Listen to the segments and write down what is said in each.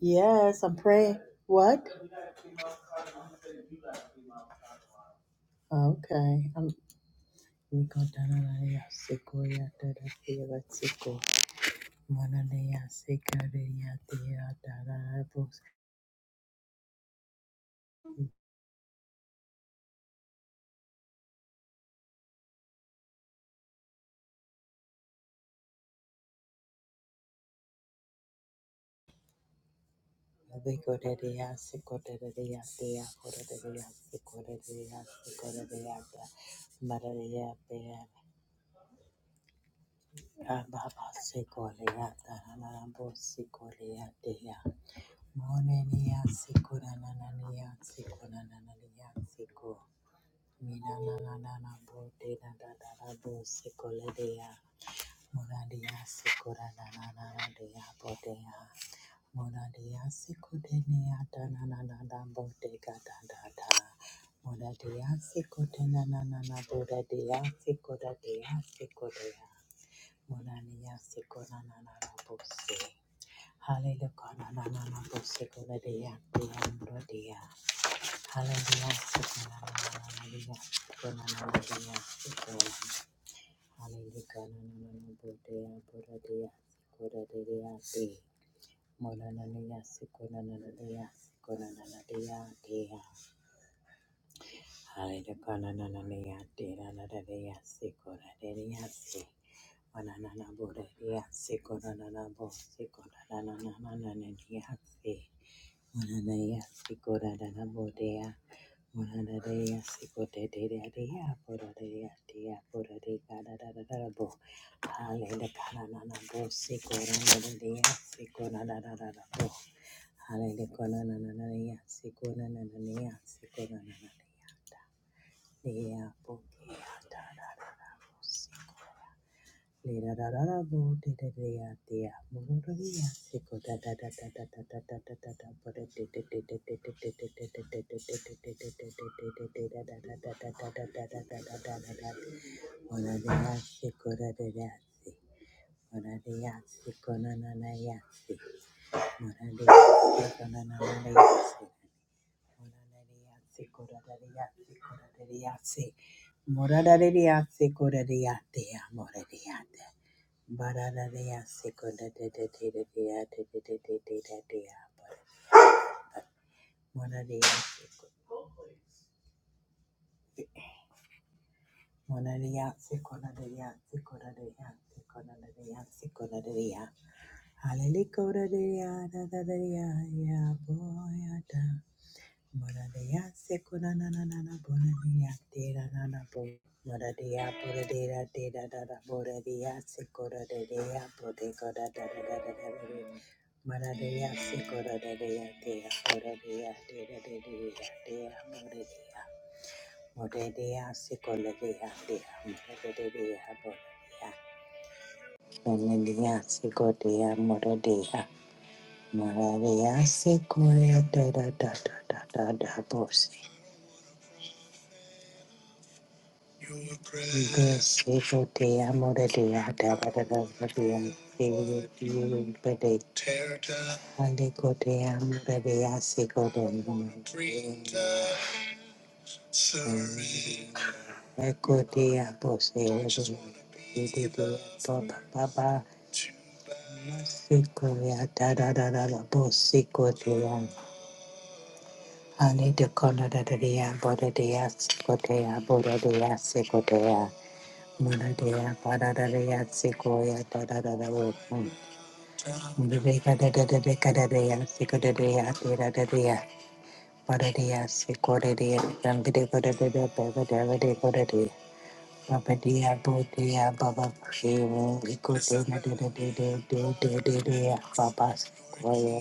Yes, I'm praying. What? Okay. I'm Monadea, Sikotena, Nana, Boda, Dea, Sikota, Dea, Sikotea. Monania Sikonana Bose. Hallelujah. Nana Bose, Gonadia, the Ambrodia. Hallelujah, Sikonana, Gonanadia, Sikon. Hallelujah, Nana Bodea, Boradia, Sikoradia, the Monania Sikonana, the Sikonana, the Hallelujah, Nana, the Nana, the Sikoradia, Banana boreya se banana bo se banana banana banana se banana se banana boreya banana boreya se boreya boreya boreya boreya bo hallelujah banana bo se banana boreya se banana banana se banana boreya se banana boreya boreya boreya Lira da da da bo de de de ya de ya mo ro ro de ya se ko da da da da da da da da da da da bo de de de de de de de de de de de de de de de de de de de de da da da da da da da da da da da da da mo ro de ya se ko da de ya se mo ro de ya se ko na na na ya se mo ro de ya se ko na na na na ya se mo ro de ya se ko da da ya se ko da de ya se Morada de ya se ko da de ya de ya morada Barararea seko da da da da da da da da da da da da da da. Morarea seko, morarea seko da da da seko da da da seko da da da seko da da da. Hallelujah, da da da da da da da da. Moradea sekunanana boradea deranana bo moradea boradea deradada boradea sekuradea bodegoda dadadadadadada moradea sekuradea dea dea boradea deradadadea dea dea boradea moradea sekuradea dea dea moradea boradea moradea sekuradea moradea moradea secura da da da da da da da bosi Your grace Tear down, breathe surrender. I just wanna be loved too bad. Ani de kona da da da ya, bo da da ya, siko da ya, bo da da ya, siko da ya. Mana dia pada dia dia si ko ya pada pada wu. Muda dia pada pada muda dia si ko dia dia tiada dia pada dia si ko dia. Jam bade pada pada pa pa dia pada dia pa pa dia bu dia pa pa si ko dia na dia dia dia dia dia dia pa pa si ko ya.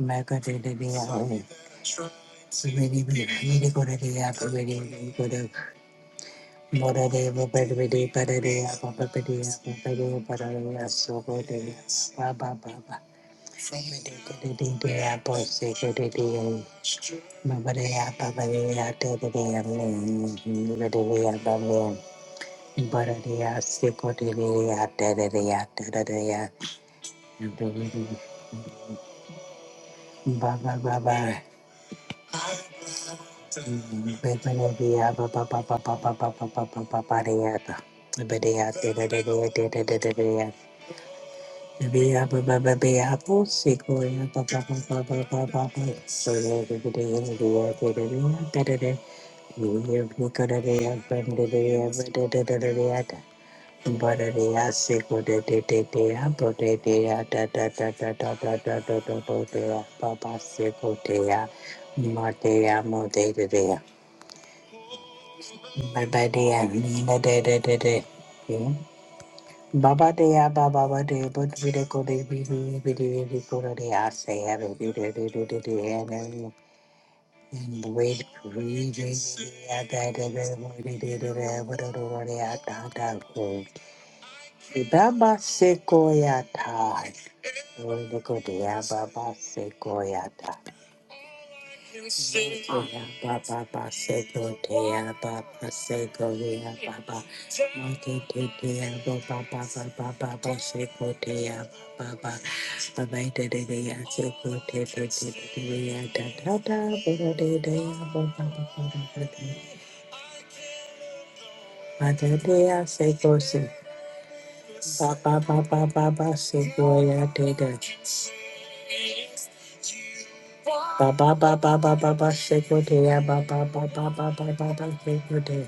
Ma ka dia dia ya. Mimi mimi ko dia ya. Mimi ko dia. Bodhideva Bodhideva Bodhideva Bodhideva Bodhideva Bodhideva Subodhideva Baba Baba Bodhideva Bodhideva Bodhideva Bodhideva Bodhideva Bodhideva Bodhideva Bodhideva Subodhideva Bodhideva Bodhideva Baba Baba Bodhideva Baba Baba Baba Baba Baba Bodhideva Bodhideva Bodhideva Bodhideva Bea baba ba ba bea bo se ko ya ba ba ba ba ba ba ba ba so ya de de de ya de ya de de de ya de de de you hear me ko de de ya ba de de ya ba de de de de de ya da ba de de ya se ko de de de de ya bo de de ya da da da da da da da da da bo de ya ba ba se ko de ya ma de ya mo de de de ya ba ba de ya ni na de de de de Baba de ya baba ba de but we de go de we we we de we go de de I say I de de de de de de de and then and wait we de ya da de de we de de de de we de de de ya da da go baba se ko ya ta we de go de ya baba se ko ya ta Oya baba basego deya baba sego deya baba mate de deya baba baba baba basego deya baba baba de de deya sego de de de deya da da da baba de deya baba baba baba de mate deya sego se baba baba baba sego ya de de baba baba baba baba sego deya baba baba baba baba sego de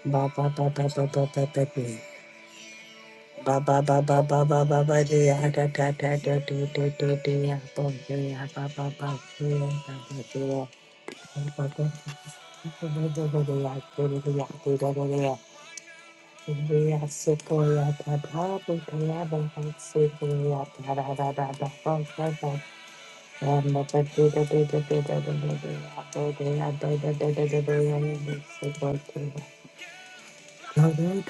ba ba ba ba ba ba ba ba ba. Ba ba ba ba ba ba ba ba dia da da da da do do do dia bom dia ba ba ba dia ba ba dia ba ba ba ba ba ba dia do do dia do do do dia dia suko ya da da do do ya ba ba suko ya da da da da da ba ba ba and the do do do do do do do do do do do do do do do do do do do do do I sleep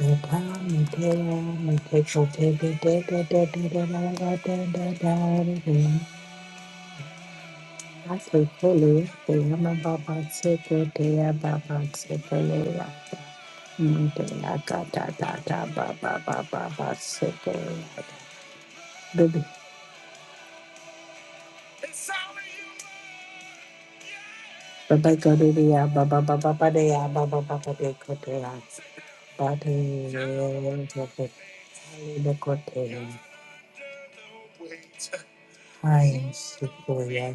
fully, they am about sicker, they are about sicker, they are. Baby, Baba Godia, Baba Baba Badea, Baba Baba de Cotea, Bade, the Cotea. I am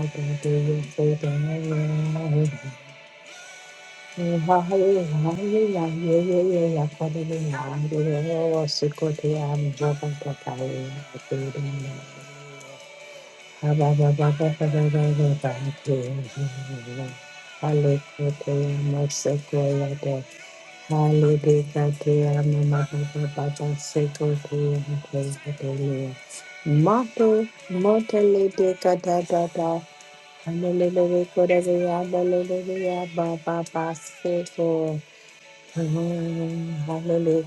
Thank you. Hallelujah, hallelujah, hallelujah, hallelujah, hallelujah, Sikoti, I'm Jabba Katari, Haba Baba Baba Baba Baba Hallelujah, Masekoyata, Hallelujah, Mama Baba Baba Sikoti, Hallelujah, Mato, Mata Lede Kata Tata, Hallelujah, Kodavia, Hallelujah, Baba Baba Mm, Hallelujah.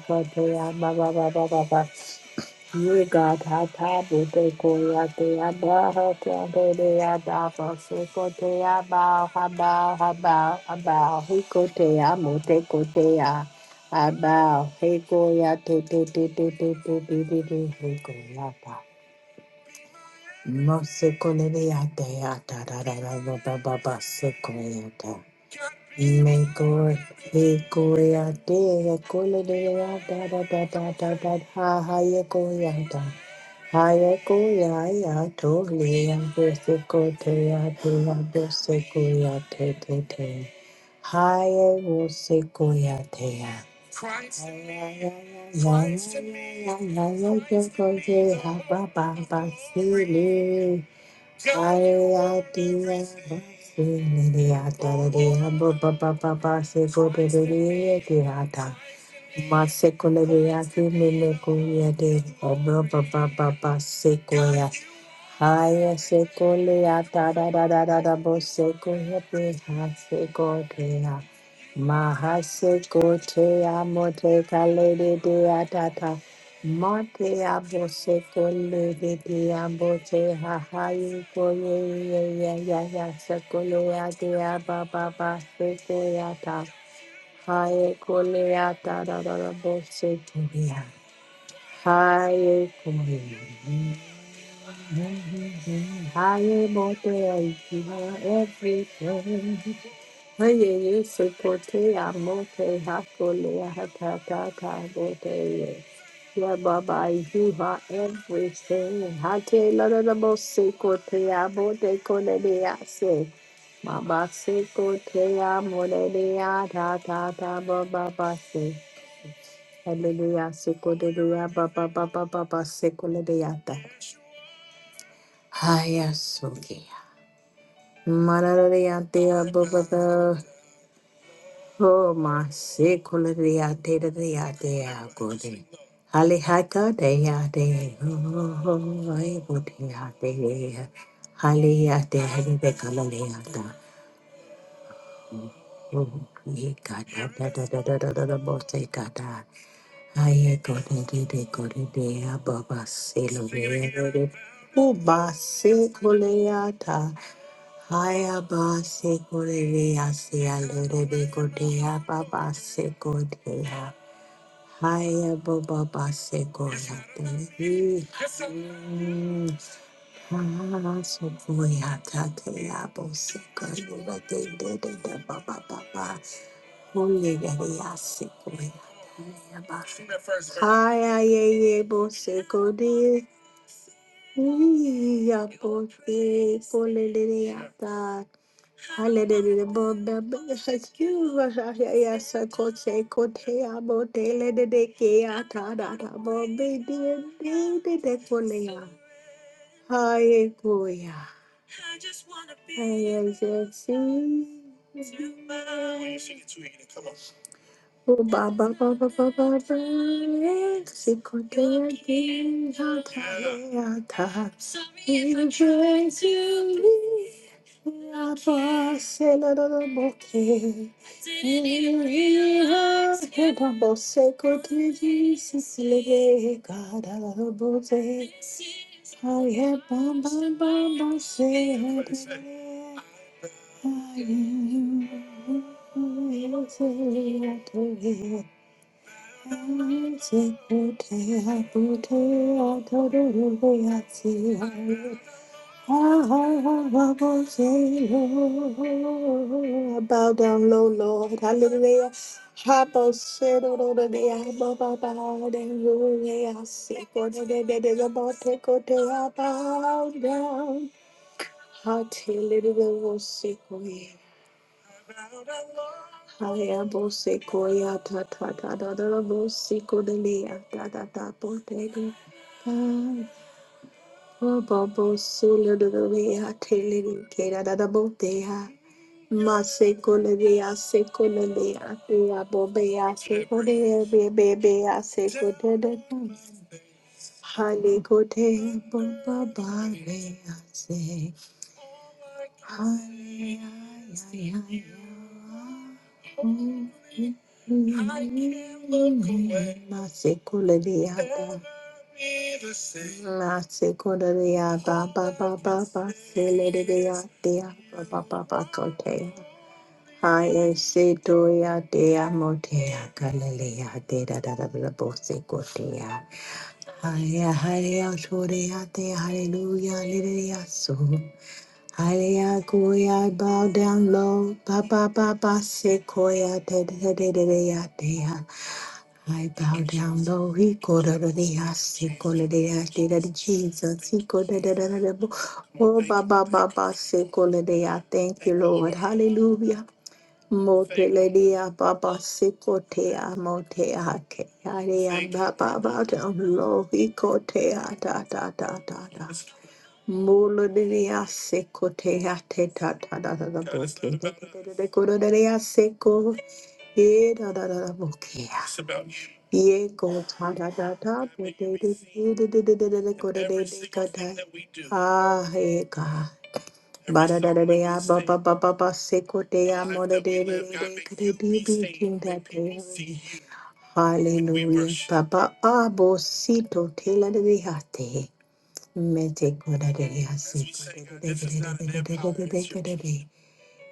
Ye God, ha ta bu te ko ya te ya ba ha ta te de ya ba fa se ko te ya ba ha ba ha ba ha ba he ko te ya mo te ko te ya ha ba he ko ya te te te te te te te te te he ko ya ta mo se ko le de ya te ya ta ra ra Make or take, go or stay. Go or stay, da da da da da da. Ha ha, ye go or stay. Ha ye go or stay. Throw me away, so cold. Yeah, throw me away, so cold. Yeah, throw me away, so cold. Yeah, ha ha, ye go or stay. Ha ha ha ha ha ha ha ha. Ye go or stay, Baba, Baba, silly. Masekolebeya kimele kuyede obro papa papa sekoya Haya seko le ata da da da da da bo seko hepe ha seko te ya Maha seko te amo te ka le de de atata. Ma te abo seko le de de abo te ha ha ye ko ye ye ye ye ye seko le ate a ba ba ba seko ata. Haya ko le ata da da da bo seko ya. Haya ko I am all there, you everything. Hey, you support me, I'm okay, happily, I have that ta ta, okay. Yeah, Baba, you are everything. I tell you, Lord, the most sacred thing, I'm okay, connected, I say. Baba, secret, I'm okay, I ta ta ta, Baba, Baba, say. Hallelujah, secret, Baba, Baba, Baba, secret, I ta. Hiya, Suki. Marariatea Bobada, oh, my Secularia de Dea Gode. Halihaka dea de, oh, I would hear de. Haliate de Calaleata, oh, ye gata da da da da da da da bote gata. I got it, de gode dea Baba Silovia. Uba Secularia. Haya ba se korere ya se ya lere be kote ya ba ba se kote ya. Haya ba ba ba se koya te. Mm. Mm. Ah, so koya ta te ya bo se koya ba te de de de ba ba ba ba. Holy gare ya se koya ta ya Haya ba. Haya ye ye bo se kote. Iya bo se kolere ya ta. Hallelujah, Baba, yes, you are here, yes, I could say, could say, I'm a tailor, the day, Kia, ta, da, da, Bobby, dear, dear, the day, Korea. Hallelujah. I just see. Oh, ba, ba, ba, ba, ba, ba, ba, eh, Sikotea Ginga Tayata. We rejoice to be a parcel of the bouquet. We are here to Jesus, Lege Gada la Bote. I am Bam Bam Bam Bam Say I am. Bow down low, Lord. Hallelujah. Habo sero de de abo baba de ruya seko de de de de de bo te ko te a bow down. Hati little seko Haya bose koya ta ta ta da da da bose kodelia da da da botega. Ah, oh, bo bo bose le da da lea tele da Telly, Keda, da da botea. Masekolea, sekolea, ea bobea, sekolea, bebea, sekotea, halekotea, bobabalea, se, halea ya. ya ya. I can't look away. Masekuladeata. Masekuladeata. Ba ba ba ba. Seledeatea. Ba ba ba ba. Kotea. I say toya dea motea galilea de da da da da bose gotea. Haya haya torea de hallelujah lilia so. Hallelujah, I bow down low. Ba ba ba ba sequoia de de de de de de ya. I bow down low. He called out of the ass. He called out the ass. Did it, Jesus. He called out the ass. Oh, Baba, Baba, say, called out the ass. Thank you, Lord. Hallelujah. Moteledia Baba Sikotea Motea Kea Baba bow down low. He called kotea da da da da da. Molodia Secotea Teta Tada Boke. Ye da da da da bokeh. It's about you. Ye go ta da da da da da da da da da da da da go da da da ga da. that we do, Ah, hey God. every Ba da da da da ya ba ba decision, ba ba ba se ko de every ya life mo da that we de de live, de God, de make ka de people de be de saved. king that they Hallelujah. da abo sito te la de de ha te. Me te ko da de de ha se ko de de de de de de de de de de de de de.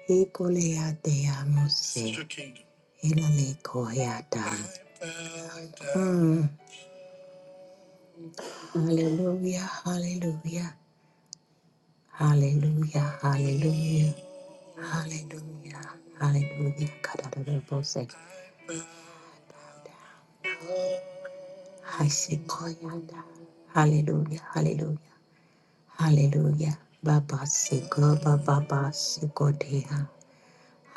It's your kingdom. I bow down. Mm. Hallelujah, hallelujah, hallelujah, hallelujah, hallelujah, hallelujah. Kadadadabose. Hasikoyada. Hallelujah, hallelujah, hallelujah. Baba siko, baba basiko deha.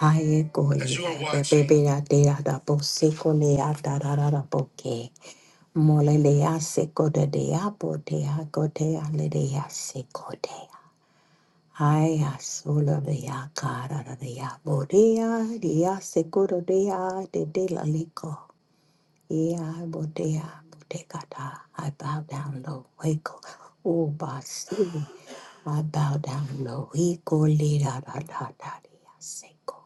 Haye As you are watching, kolea, bebe da dea da bo siko lea da da da da bo ke. Molelea sekodea potea kotea ledea sekodea. Aya solovea kararea bodea dia sekodea de de la lico. Ea bodea botekata. I bow down low. Waco. O basi. I bow down low. Eco lida da da da dea seco.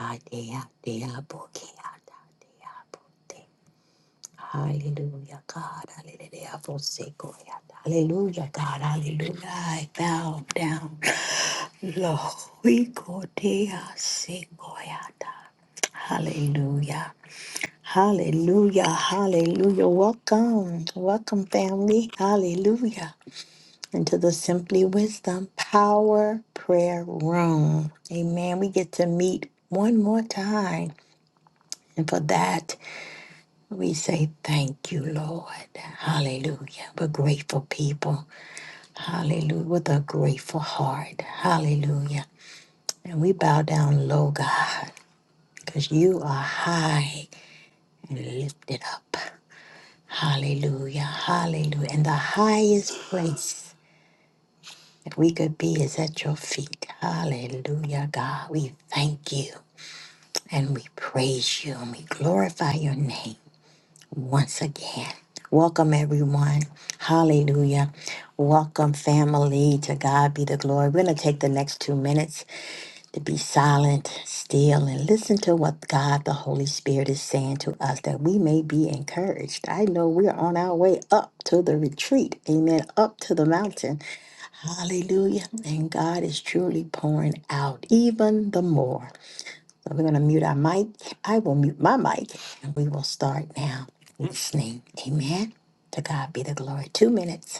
Adea dea bokea da dea bote. Hallelujah, God. Hallelujah. I forsake all that. Hallelujah, God. Hallelujah. I bow down. Lord, we go there. Sing all that. Hallelujah. Hallelujah. Hallelujah. Welcome. Welcome, family. Hallelujah. Into the Simply Wisdom Power Prayer Room. Amen. We get to meet one more time. And for that, we say thank you, Lord. Hallelujah. We're grateful people. Hallelujah. With a grateful heart. Hallelujah. And we bow down low, God, because you are high and lifted up. Hallelujah. Hallelujah. And the highest place that we could be is at your feet. Hallelujah, God. We thank you and we praise you and we glorify your name. once again. Welcome, everyone. Hallelujah. Welcome, family. To God be the glory. We're going to take the next two minutes to be silent, still, and listen to what God the Holy Spirit is saying to us that we may be encouraged. I know we're on our way up to the retreat. Amen. Up to the mountain. Hallelujah. And God is truly pouring out even the more. So we're going to mute our mic. I will mute my mic and we will start now listening. Amen. To God be the glory. Two minutes.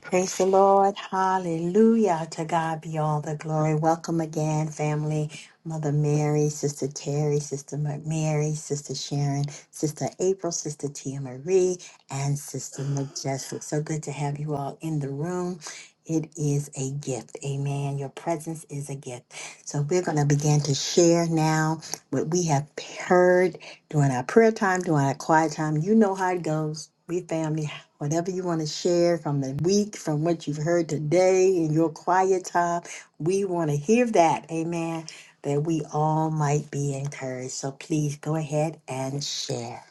Praise the Lord. Hallelujah. To God be all the glory. Welcome again, family. Mother Mary, Sister Terry, Sister McMary, Sister Sharon, Sister April, Sister Tia Marie, and Sister Majestic. So good to have you all in the room. It is a gift. Amen. Your presence is a gift. So we're going to begin to share now what we have heard during our prayer time, during our quiet time. You know how it goes. We family whatever you want to share from the week, from what you've heard today in your quiet time. We want to hear that. Amen. That we all might be encouraged. So please go ahead and share.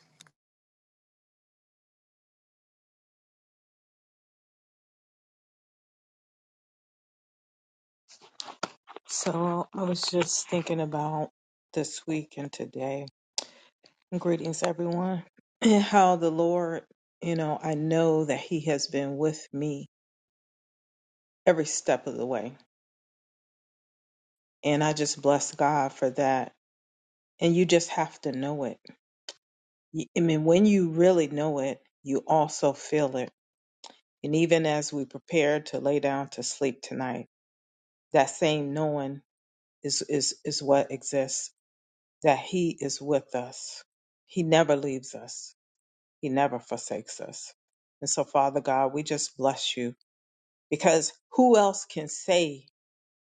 So I was just thinking about this week and today. Greetings, everyone. And how the Lord, you know, I know that He has been with me every step of the way. And I just bless God for that. And you just have to know it. Y- I mean, when you really know it, you also feel it. And even as we prepare to lay down to sleep tonight, that same knowing is, is, is what exists, that He is with us. He never leaves us He never forsakes us. And so, Father God, we just bless you because who else can say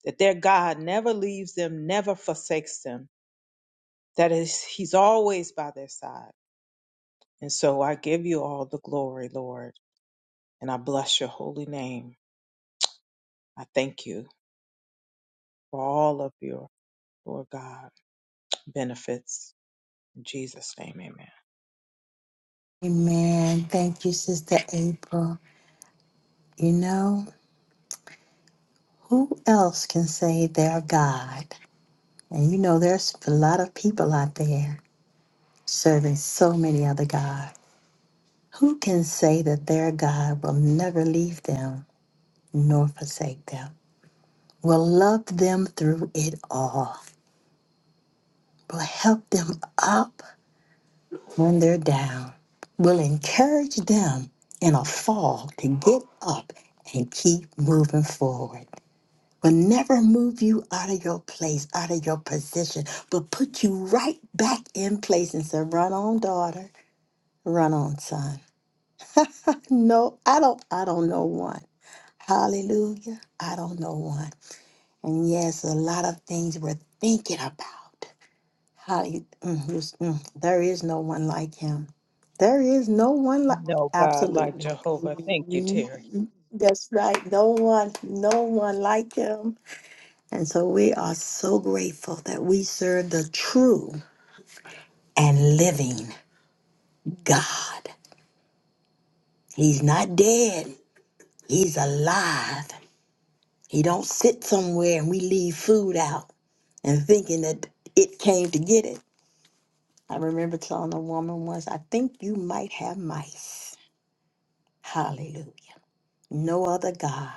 that their God never leaves them, never forsakes them, that is, He's always by their side. And so I give you all the glory, Lord, and I bless your holy name. I thank you for all of your, Lord God, benefits. In Jesus' name, amen. Amen. Thank you, Sister April. You know, who else can say they're God? And you know, there's a lot of people out there serving so many other gods. Who can say that their God will never leave them nor forsake them? will love them through it all, will help them up when they're down, will encourage them in a fall to get up and keep moving forward. Will never move you out of your place, out of your position, but put you right back in place and say, run on, daughter, run on, son. No, I don't I don't know one. Hallelujah. I don't know one. And yes, a lot of things we're thinking about. How you, mm, who's- mm, there is no one like him. There is no one like No God like absolutely. Jehovah. Thank you, Terry. Mhm. That's right. No one, no one like him. And so we are so grateful that we serve the true and living God. He's not dead. He's alive. He don't sit somewhere and we leave food out and thinking that it came to get it. I remember telling a woman once, I think you might have mice. Hallelujah. No other God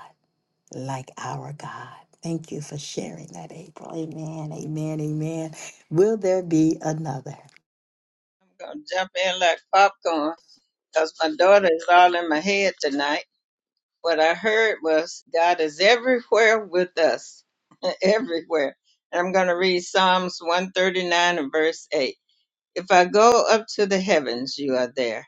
like our God. Thank you for sharing that, April. Amen, amen, amen. Will there be another? I'm gonna jump in like popcorn 'cause my daughter is all in my head tonight. What I heard was God is everywhere with us, everywhere. And I'm gonna read Psalms 139 and verse 8. If I go up to the heavens, you are there.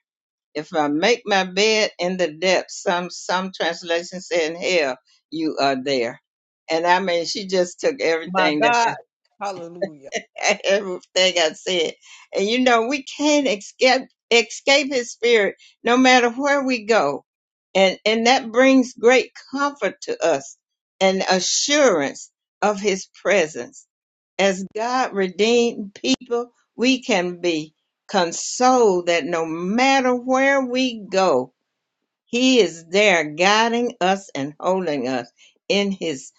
If I make my bed in the depths, some some translations say in hell, you are there. And I mean, she just took My everything that I God. Hallelujah. everything I said. And you know, we can't escape escape his spirit no matter where we go. And and that brings great comfort to us and assurance of his presence. As God redeemed people, we can be consoled that no matter where we go, he is there guiding us and holding us in his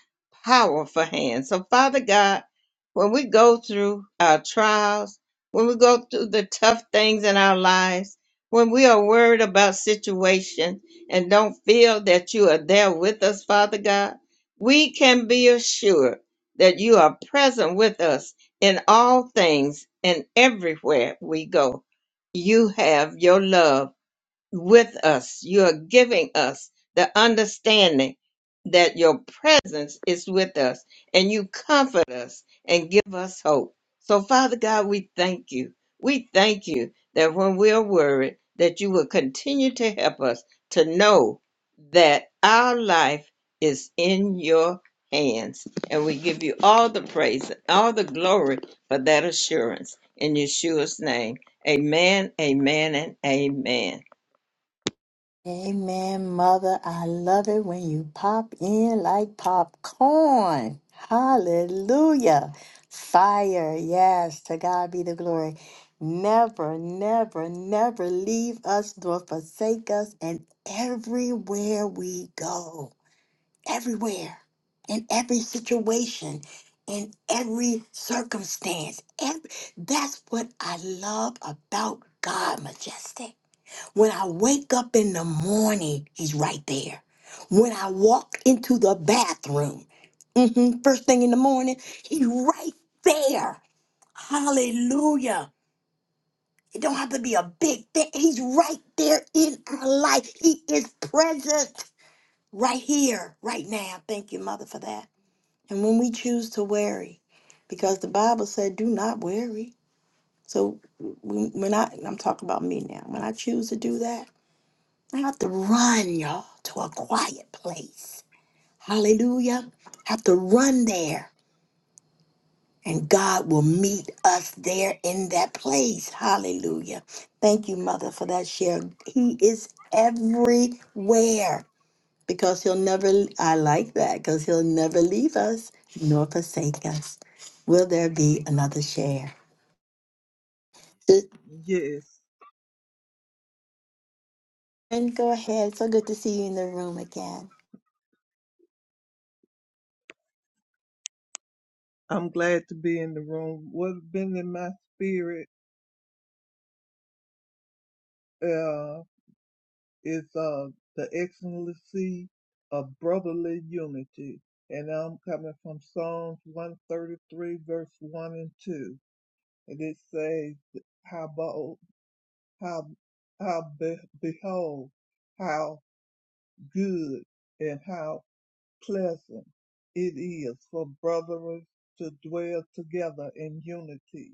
powerful hand. So, Father God, when we go through our trials, when we go through the tough things in our lives, when we are worried about situation and don't feel that you are there with us, Father God, we can be assured that you are present with us in all things and everywhere we go. You have your love with us. You're giving us the understanding that your presence is with us and you comfort us and give us hope. So, Father God, we thank you. We thank you that when we're worried, that you will continue to help us to know that our life is in your hands. And we give you all the praise and all the glory for that assurance. In Yeshua's name, amen, amen, and amen. Amen, Mother. I love it when you pop in like popcorn. Hallelujah. Fire. Yes, to God be the glory. Never, never, never leave us nor forsake us, and everywhere we go. everywhere, in every situation, in every circumstance. Every, that's what I love about God, Majestic. When I wake up in the morning, He's right there. When I walk into the bathroom, mhm, first thing in the morning, He's right there. Hallelujah. It don't have to be a big thing. He's right there in our life. He is present right here, right now. Thank you, Mother, for that. And when we choose to worry, because the Bible said, do not worry. So when when I, and I'm talking about me now, when I choose to do that, I have to run, y'all, to a quiet place. Hallelujah. Have to run there. And God will meet us there in that place. Hallelujah. Thank you, Mother, for that share. He is everywhere. because he'll never i like that because he'll never leave us nor forsake us will there be another share Yes, and go ahead so good to see you in the room again I'm glad to be in the room. What's been in my spirit uh, is uh, the excellency of brotherly unity. And I'm coming from Psalms 133, verse 1 and 2. And it says, How, bo- how, how be- behold, how good and how pleasant it is for brothers to dwell together in unity.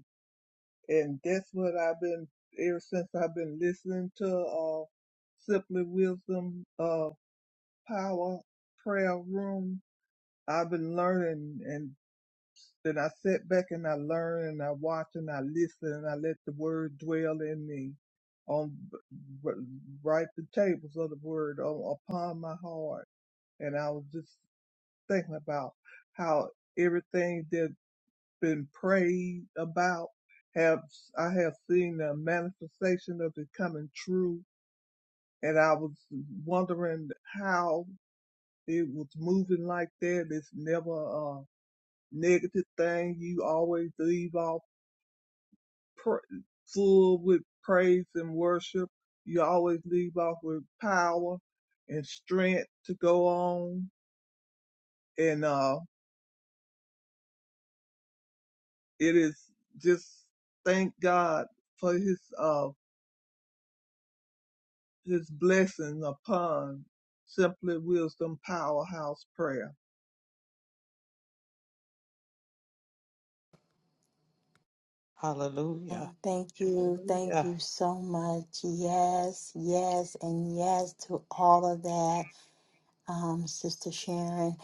and that's what I've been ever since I've been listening to uh Simply Wisdom uh Power Prayer Room. I've been learning and then I sit back and I learn and I watch and I listen and I let the word dwell in me on write the tables of the word on, upon my heart and I was just thinking about how everything there's been prayed about have I have seen a manifestation of it coming true. And I was wondering how it was moving like that. It's never a negative thing. You always leave off pr- full with praise and worship. You always leave off with power and strength to go on. And uh, it is just thank God for His uh, his blessing upon Simply Wisdom Powerhouse Prayer. Hallelujah. and thank you thank Hallelujah. you so much yes yes and yes to all of that um, sister sharon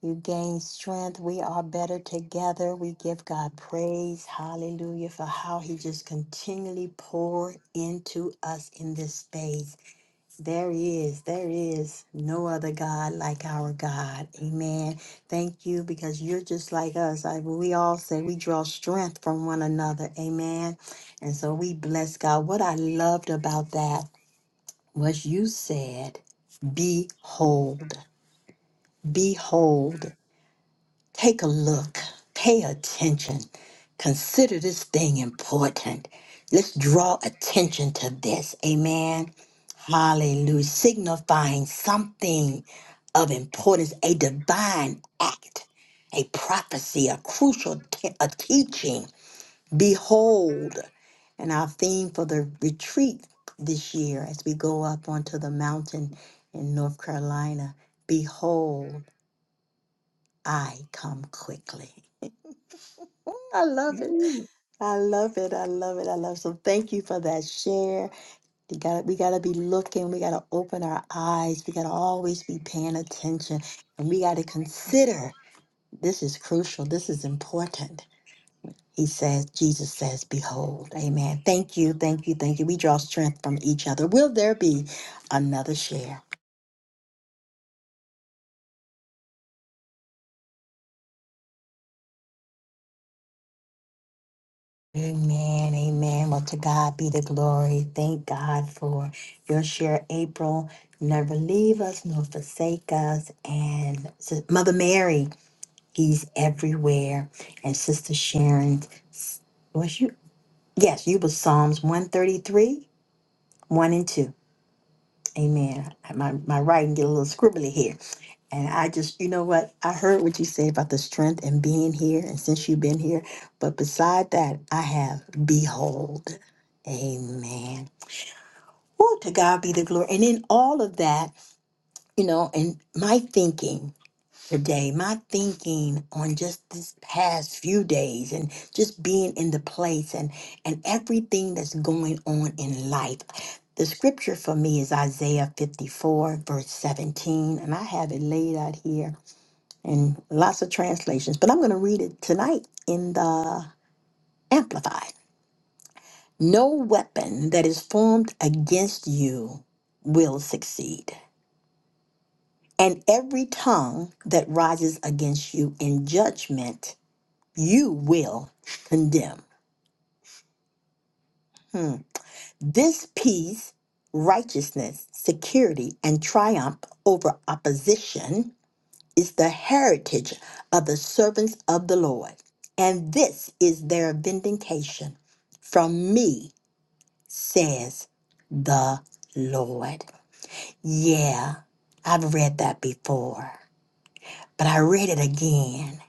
you gain strength we are better together we give god praise hallelujah for how he just continually poured into us in this space There is, there is no other God like our God. Amen. Thank you because you're just like us. I, we all say we draw strength from one another. Amen. And so we bless God. What I loved about that was you said, Behold, behold. Take a look, pay attention, consider this thing important. Let's draw attention to this. Amen. Hallelujah. Signifying something of importance, a divine act, a prophecy, a crucial te- a teaching. Behold, and our theme for the retreat this year as we go up onto the mountain in North Carolina, behold, I come quickly. I love it. Ooh, I love it. I love it. I love it. So thank you for that share. You gotta we gotta be looking. We gotta open our eyes. We gotta always be paying attention. And we gotta consider this is crucial. This is important. He says, Jesus says, Behold. Amen. Thank you. Thank you. Thank you. We draw strength from each other. Will there be another share? Amen, amen. Well, to God be the glory. Thank God for your share, April. Never leave us nor forsake us. And Sis- Mother Mary, He's everywhere. And Sister Sharon, s- was you? Yes, you was Psalms 133, 1 and 2. Amen. My, my writing get a little scribbly here. And I just, you know what? I heard what you say about the strength and being here, and since you've been here. But beside that, I have behold. Amen. Woo, to God be the glory. And in all of that, you know, and my thinking today, my thinking on just this past few days and just being in the place and and everything that's going on in life. The scripture for me is Isaiah 54, verse 17, and I have it laid out here and lots of translations, but I'm going to read it tonight in the Amplified. No weapon that is formed against you will succeed, and every tongue that rises against you in judgment, you will condemn. Hmm. This peace, righteousness, security, and triumph over opposition is the heritage of the servants of the Lord, and this is their vindication from me, says the Lord. Yeah, I've read that before, but I read it again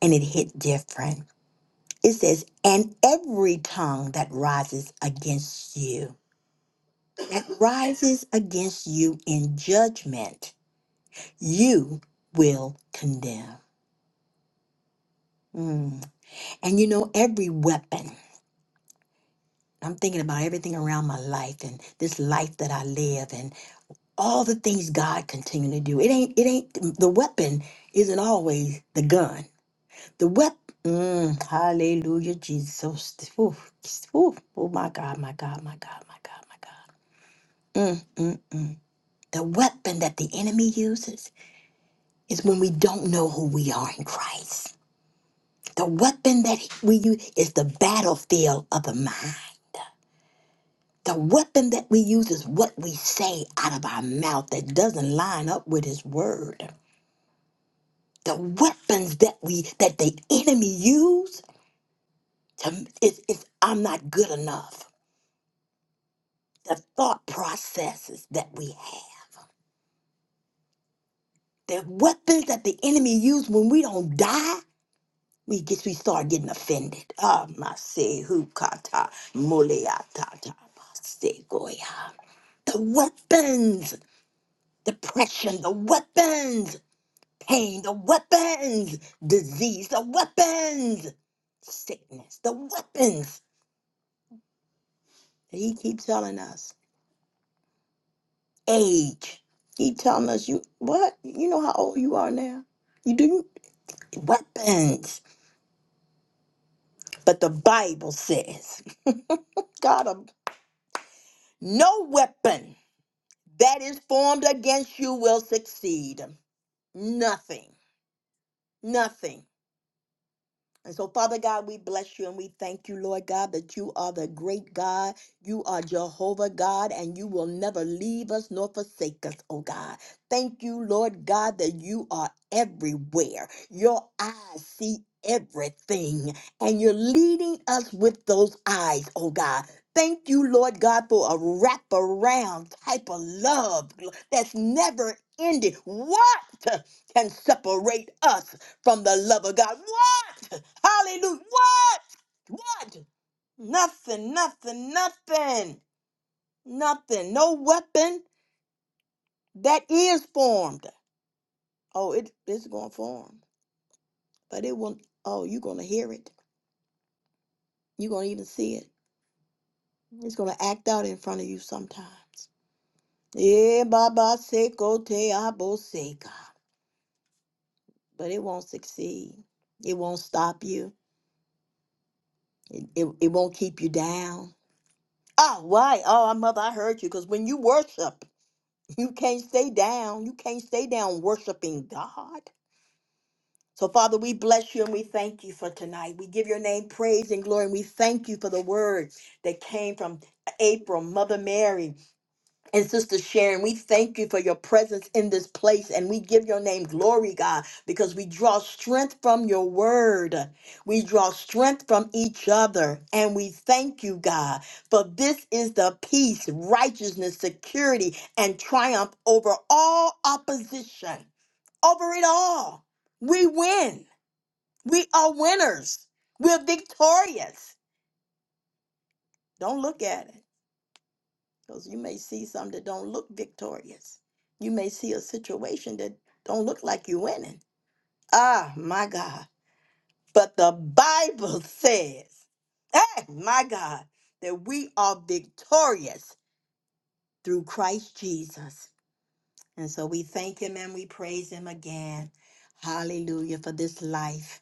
and it hit different. It says, and every tongue that rises against you, that rises against you in judgment, you will condemn. Mm. And you know, every weapon I'm thinking about everything around my life and this life that I live and all the things God continually do. It ain't it ain't the weapon isn't always the gun. The weapon mm, hallelujah Jesus. Ooh, ooh, oh my God, my God, my God, my God, my God. Mm, mm, mm. The weapon that the enemy uses is when we don't know who we are in Christ. The weapon that we use is the battlefield of the mind. The weapon that we use is what we say out of our mouth that doesn't line up with his word. The weapons that we that the enemy use to is, is I'm not good enough. The thought processes that we have. The weapons that the enemy use when we don't die, we guess we start getting offended. Ah, masi hukata who kata muleata the weapons, depression, the weapons Pain, the weapons. Disease, the weapons. Sickness, the weapons that he keeps telling us. Age. He telling us you what? You know how old you are now? You do weapons. But the Bible says, God of no weapon that is formed against you will succeed. Nothing. Nothing. And so, Father God, we bless you and we thank you, Lord God, that you are the great God. You are Jehovah God, and you will never leave us nor forsake us, oh God. Thank you, Lord God, that you are everywhere. Your eyes see everything, and you're leading us with those eyes, oh God. Thank you, Lord God, for a wraparound type of love that's never ending. What can separate us? from the love of God. What? Hallelujah. What? What? Nothing, nothing, nothing, nothing. No weapon that is formed. Oh, it, it's going to form, but it won't. Oh, you're going to hear it. You're going to even see it. It's going to act out in front of you sometimes. Eh, baba seko te abo seka. But it won't succeed. It won't stop you. It, it won't keep you down. Oh, why? Oh, mother, I heard you. Because when you worship, You can't stay down. You can't stay down worshiping God. So, Father, we bless you and we thank you for tonight. We give your name praise and glory, and we thank you for the word that came from April, Mother Mary. And Sister Sharon, we thank you for your presence in this place and we give your name glory, God, because we draw strength from your word. We draw strength from each other. And we thank you, God, for this is the peace, righteousness, security, and triumph over all opposition, over it all. We win. We are winners. We're victorious. Don't look at it. because you may see some that don't look victorious. You may see a situation that don't look like you're winning. Ah, my God. But the Bible says, hey, my God, that we are victorious through Christ Jesus. And so we thank him and we praise him again. Hallelujah for this life,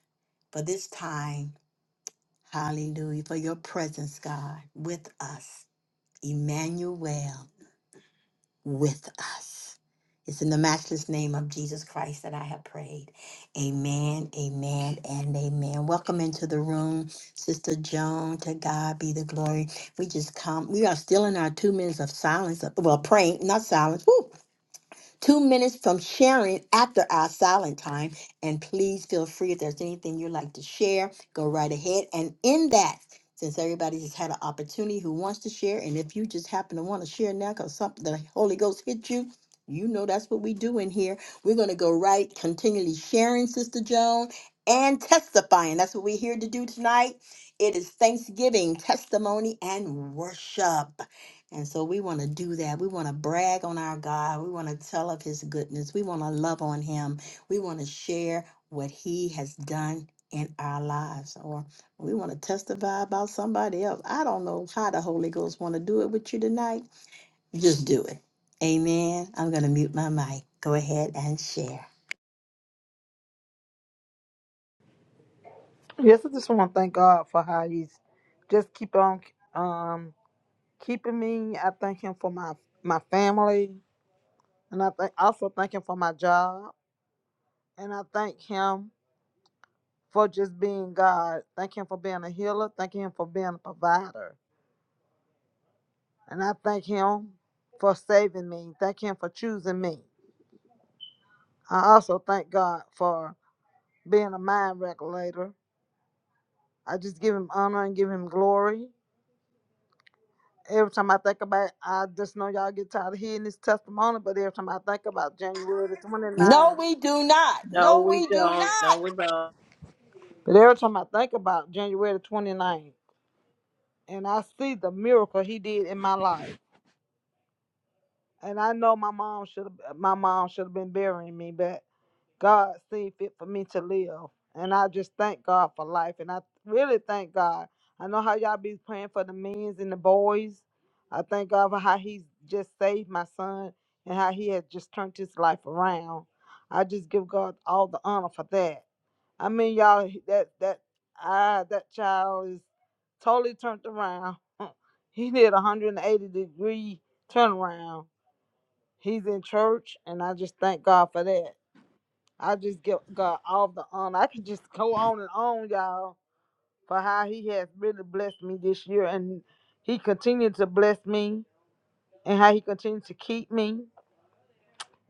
for this time. Hallelujah for your presence, God, with us. Emmanuel. with us. It's in the matchless name of Jesus Christ that I have prayed. Amen, amen, and amen. Welcome into the room, Sister Joan. To God be the glory. We just come. We are still in our two minutes of silence. Well, praying, not silence. Woo! two minutes from sharing after our silent time. And please feel free if there's anything you'd like to share, go right ahead. And in that, since everybody has had an opportunity who wants to share, and if you just happen to want to share now because something the Holy Ghost hit you, you know that's what we do in here. We're going to go right, continually sharing, Sister Joan, and testifying. That's what we're here to do tonight. It is Thanksgiving, testimony, and worship. And so we want to do that. We want to brag on our God. We want to tell of his goodness. We want to love on him. We want to share what he has done in our lives or we want to testify about somebody else. I don't know how the Holy Ghost want to do it with you tonight. Just do it. Amen. I'm going to mute my mic. Go ahead and share. Yes, I just want to thank God for how He's just keep on um keeping me. I thank Him for my my family, and I thank also thank Him for my job, and I thank Him for just being God. Thank Him for being a healer. Thank Him for being a provider, and I thank Him for saving me. Thank Him for choosing me. I also thank God for being a mind regulator. I just give Him honor and give Him glory. every time I think about it, I just know y'all get tired of hearing this testimony, but every time I think about January the No, 29th, we do not. No, No, we we do don't. not. No, we don't. but every time I think about January the 29th, and I see the miracle he did in my life, and I know my mom should have, my mom should have been burying me, but. God seen fit for me to live. And I just thank God for life. And I really thank God. I know how y'all be praying for the men's and the boys. I thank God for how He's just saved my son and how He has just turned his life around. I just give God all the honor for that. I mean, y'all, he- that that ah, that child is totally turned around. he did a 180 degree turnaround. He's in church, and I just thank God for that. I just give God all the honor. I could just go on and on, y'all, for how He has really blessed me this year, and He continued to bless me, and how He continued to keep me.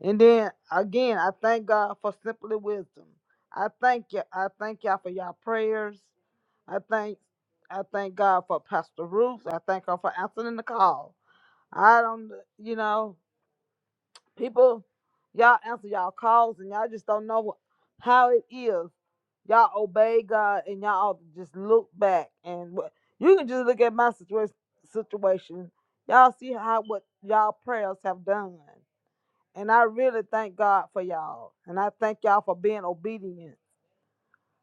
And then again, I thank God for simply wisdom. I thank you. I thank y'all for y'all prayers. I thank, I thank God for Pastor Ruth. I thank her for answering the call. I don't, you know, people, y'all answer y'all calls, and y'all just don't know how it is Y'all obey God and y'all ought to just look back and what you can just look at my situation situation. Y'all see how what y'all prayers have done. And I really thank God for y'all. And I thank y'all for being obedient.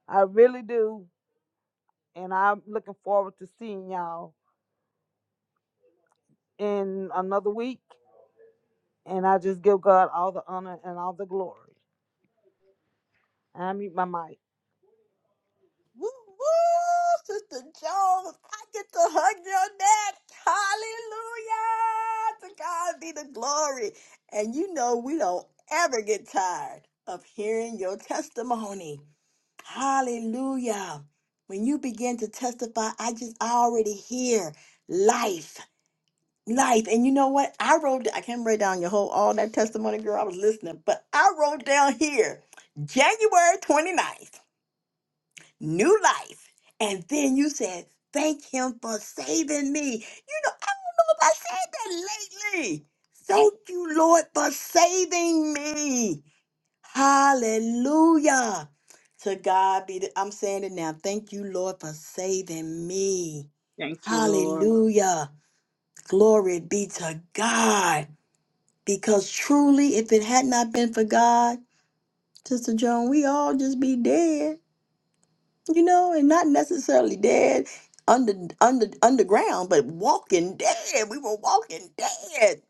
I really do. And I'm looking forward to seeing y'all in another week. And I just give God all the honor and all the glory. I mute my mic. Woo, woo, Sister Jones, I get to hug your neck. Hallelujah. To God be the glory. And you know, we don't ever get tired of hearing your testimony. Hallelujah. When you begin to testify, I just I already hear life, life. And you know what? I wrote, I can't write down your whole, all that testimony, girl. I was listening, but I wrote down here January 29th new life. And then you said, Thank him for saving me. You know, I don't know if I said that lately. Thank you, Lord, for saving me. Hallelujah. To God be the, I'm saying it now. Thank you, Lord, for saving me. Thank you, Lord. Hallelujah. Glory be to God. Because truly, if it had not been for God, Sister Joan, we all just be dead. you know, and not necessarily dead under under underground, but walking dead. We were walking dead.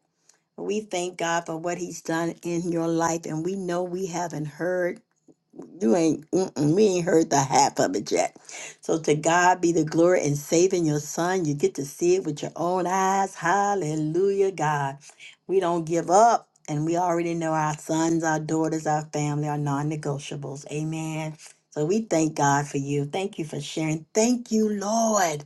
We thank God for what He's done in your life, and we know we haven't heard you ain't, mm-mm, we ain't heard the half of it yet. So to God be the glory in saving your son. You get to see it with your own eyes. Hallelujah, God. We don't give up. And we already know our sons, our daughters, our family are non negotiables. Amen. So we thank God for you. Thank you for sharing. Thank you, Lord,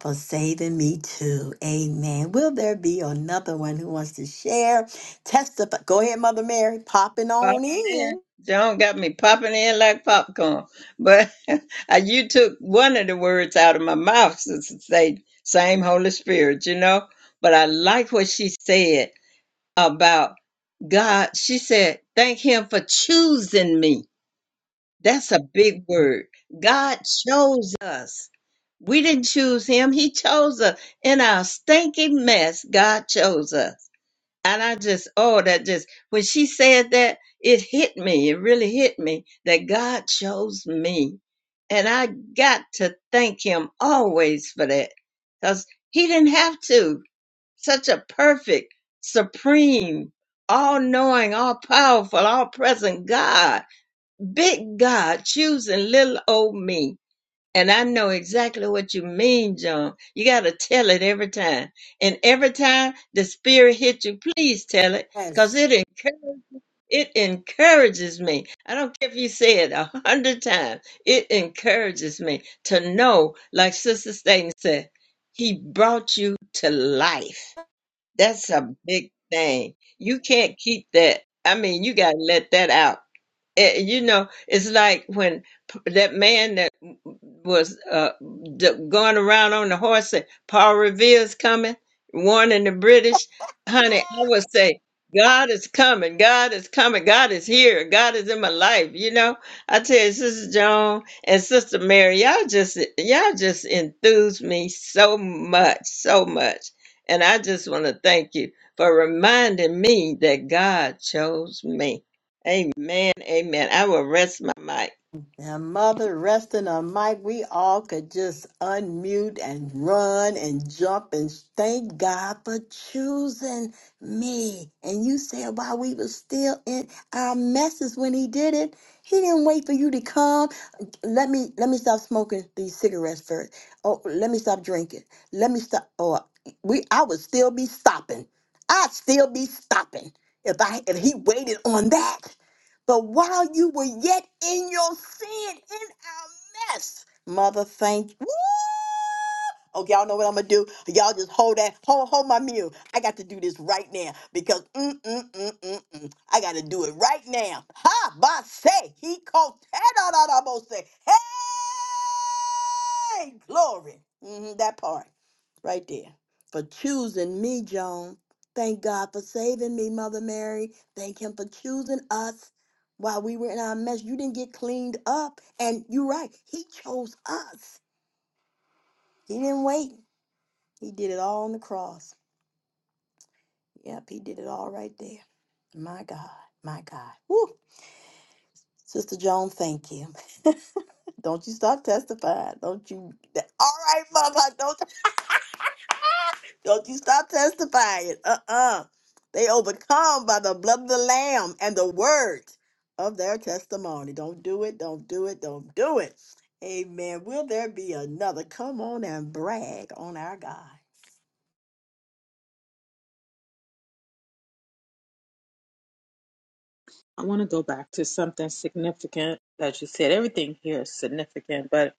for saving me too. Amen. Will there be another one who wants to share? Testify. Go ahead, Mother Mary. Popping Popping on in. in. John got me popping in like popcorn. But I- you took one of the words out of my mouth to say same Holy Spirit, you know. But I like what she said about God. She said, "Thank Him for choosing me." That's a big word. God chose us. We didn't choose Him; He chose us in our stinking mess. God chose us and I just, oh, that just, when she said that, it hit me. It really hit me that God chose me. And I got to thank him always for that because he didn't have to. Such a perfect, supreme, all knowing, all powerful, all present God, big God choosing little old me and I know exactly what you mean, John. You got to tell it every time. And every time the spirit hits you, please tell it Yes. because it, encour- it encourages me. I don't care if you say it a hundred times. It encourages me to know, like Sister Staten said, he brought you to life. That's a big thing. You can't keep that. I mean, you got to let that out Eh, you know, it's like when p- that man that was uh, d- going around on the horse said, Paul Revere's coming, warning the British. Honey, I would say, God is coming. God is coming. God is here. God is in my life. You know, I tell you, Sister Joan and Sister Mary, y'all just y'all just enthuse me so much, so much. And I just want to thank you for reminding me that God chose me. Amen. Amen. I will rest my mic. And Mother resting on Mike, we all could just unmute and run and jump and thank God for choosing me. And you said while we were still in our messes when he did it, he didn't wait for you to come. Let me let me stop smoking these cigarettes first. Oh, let me stop drinking. Let me stop. Oh, we I would still be stopping. I'd still be stopping if I if he waited on that. But while you were yet in your sin, in our mess, mother, thank you. Okay, y'all know what I'm gonna do. Y'all just hold that, hold, hold my mule. I got to do this right now because mm, mm, mm, mm, mm, I got to do it right now. Ha, ba say he called say. Hey, glory. hmm that part right there for choosing me, Joan. Thank God for saving me, Mother Mary. Thank Him for choosing us while we were in our mess. You didn't get cleaned up. And you're right, He chose us. He didn't wait, He did it all on the cross. Yep, He did it all right there. My God, my God. Woo. Sister Joan, thank you. Don't you stop testifying. Don't you. All right, Mama. Don't Don't you stop testifying. Uh-uh. They overcome by the blood of the Lamb and the word of their testimony. Don't do it. Don't do it. Don't do it. Amen. Will there be another? Come on and brag on our God. I want to go back to something significant that you said. Everything here is significant, but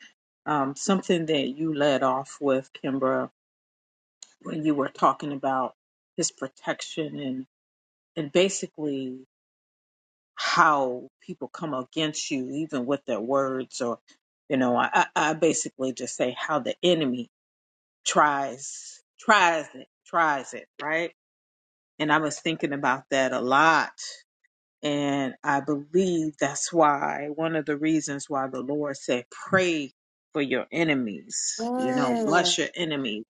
um, something that you led off with, Kimbra, when you were talking about his protection and and basically how people come against you, even with their words, or you know, I, I I basically just say how the enemy tries, tries it, tries it, right? And I was thinking about that a lot And I believe that's why one of the reasons why the Lord said, pray for your enemies, you know, Mm. bless your enemy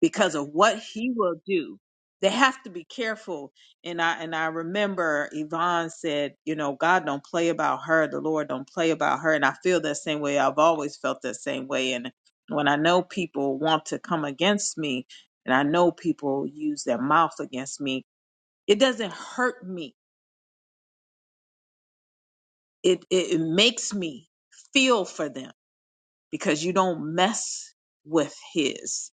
because of what he will do. They have to be careful. And I and I remember Yvonne said, you know, God don't play about her, the Lord don't play about her. And I feel that same way. I've always felt that same way. And when I know people want to come against me, and I know people use their mouth against me, it doesn't hurt me it, it it makes me feel for them because you don't mess with his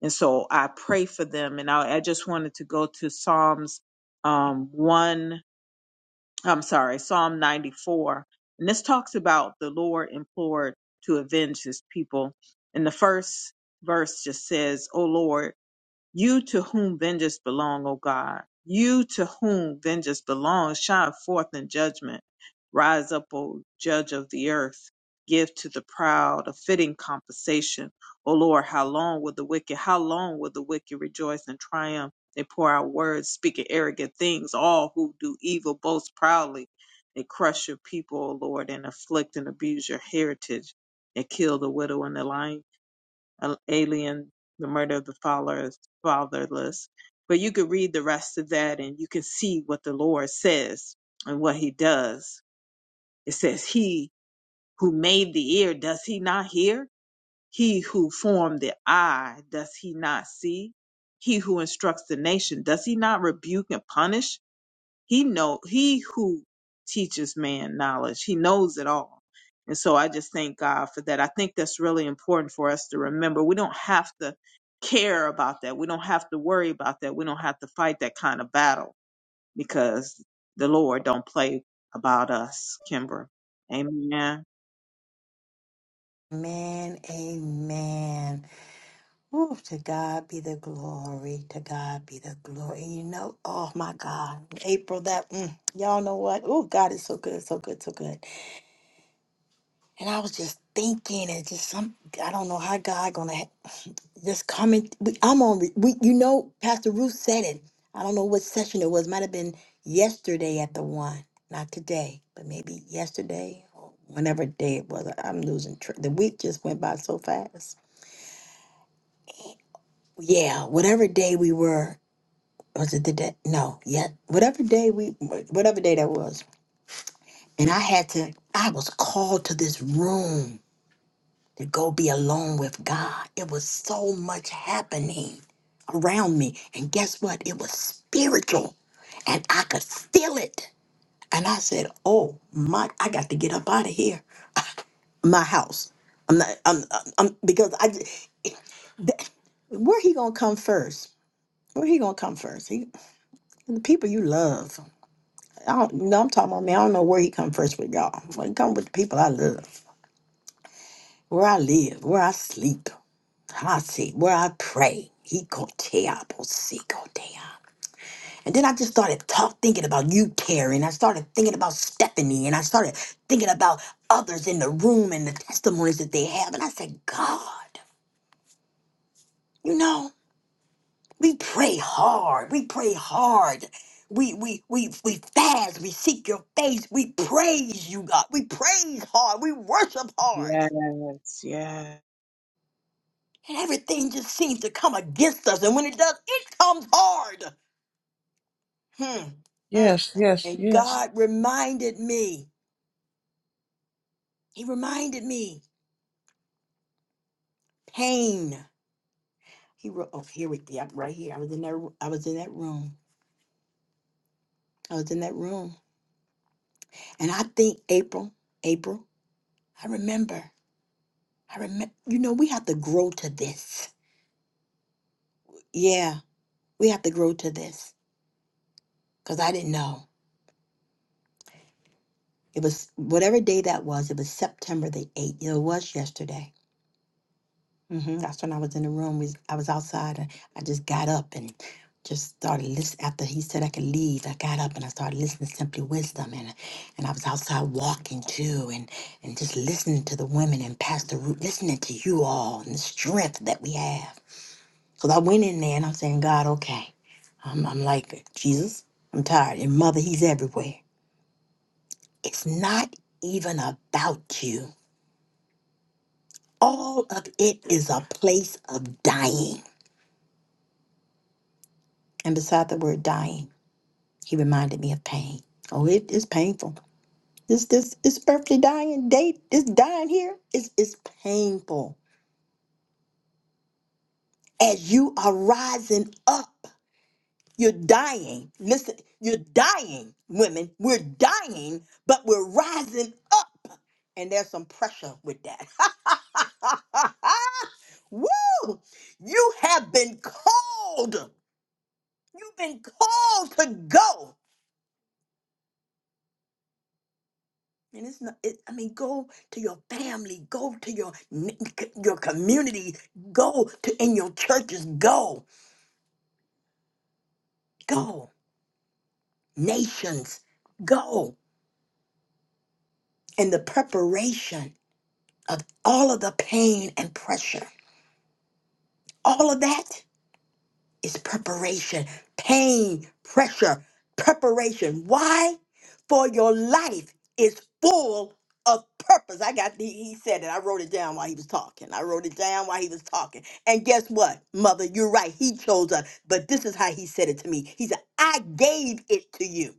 and so i pray for them and i, I just wanted to go to psalms um one i'm sorry psalm 94 and this talks about the lord implored to avenge his people and the first verse just says "O lord you to whom vengeance belong, O God. You to whom vengeance belongs, shine forth in judgment. Rise up, O judge of the earth. Give to the proud a fitting compensation. O Lord, how long will the wicked, how long will the wicked rejoice and triumph? They pour out words, speaking arrogant things. All who do evil boast proudly. They crush your people, O Lord, and afflict and abuse your heritage, and kill the widow and the lion an alien, the murder of the fathers- fatherless. But you could read the rest of that and you can see what the Lord says and what he does. It says, He who made the ear, does he not hear? He who formed the eye, does he not see? He who instructs the nation, does he not rebuke and punish? He know he who teaches man knowledge. He knows it all. And so I just thank God for that. I think that's really important for us to remember. We don't have to care about that. We don't have to worry about that. We don't have to fight that kind of battle because the Lord don't play about us, Kimber. Amen. Amen. Amen. Ooh, to God be the glory. To God be the glory. And you know, oh my God, April, that, mm, y'all know what? Oh, God is so good, so good, so good. And I was just thinking, and just some, I don't know how God gonna ha- just coming. We, I'm on, re- we, you know, Pastor Ruth said it. I don't know what session it was. Might have been yesterday at the one, not today, but maybe yesterday or whenever day it was. I- I'm losing track. The week just went by so fast. Yeah, whatever day we were, was it the day? No, yeah, whatever day we, whatever day that was. And I had to, I was called to this room to go be alone with God. It was so much happening around me. And guess what? It was spiritual. And I could feel it. And I said, Oh my, I got to get up out of here. My house. I'm not, I'm, I'm, I'm- because I, j- th- where he gonna come first? Where he gonna come first? He, the people you love. I don't, no, I'm talking about me. I don't know where he come first with y'all. But he come with the people I love, where I live, where I sleep. Hasi, where I pray. He go te apo, si go te apo. And then I just started talk, thinking about you, Terry, and I started thinking about Stephanie, and I started thinking about others in the room and the testimonies that they have. And I said, God, you know, we pray hard. We pray hard. We we we we fast. We seek your face. We praise you, God. We praise hard. We worship hard. Yes, yes. And everything just seems to come against us. And when it does, it comes hard. Hmm. Mm. Yes, yes, And yes. God reminded me. He reminded me pain. He wrote, oh, here we go. Right here. I was in that. I was in that room. I was in that room. And I think April. April. I remember. I remember. You know, we have to grow to this. Yeah, we have to grow to this. Cause I didn't know. It was whatever day that was. It was September the eighth. It was yesterday. hmm That's when I was in the room. We, I was outside and I just got up and just started listening. After he said I could leave, I got up and I started listening to Simply Wisdom. And, and I was outside walking too and, and just listening to the women and Pastor Ruth, listening to you all and the strength that we have. So I went in there and I'm saying, God, okay. I'm, I'm like, Jesus, I'm tired. And Mother, He's everywhere. It's not even about you. All of it is a place of dying. And beside the word dying, He reminded me of pain. Oh, it is painful. This this this earthly dying day, this dying here is is painful. As you are rising up, you're dying. Listen, you're dying, women. We're dying, but we're rising up. And there's some pressure with that. Woo! You have been called. You've been called to go. And it's not. It, I mean, go to your family, go to your n- c- your community, go to in your churches, go, go nations, go. And the preparation of all of the pain and pressure, all of that. is preparation, pain, pressure, preparation. Why? For your life is full of purpose. I got the, he said it. I wrote it down while he was talking. I wrote it down while he was talking. And guess what, mother? You're right. He chose us. But this is how he said it to me. He said, I gave it to you.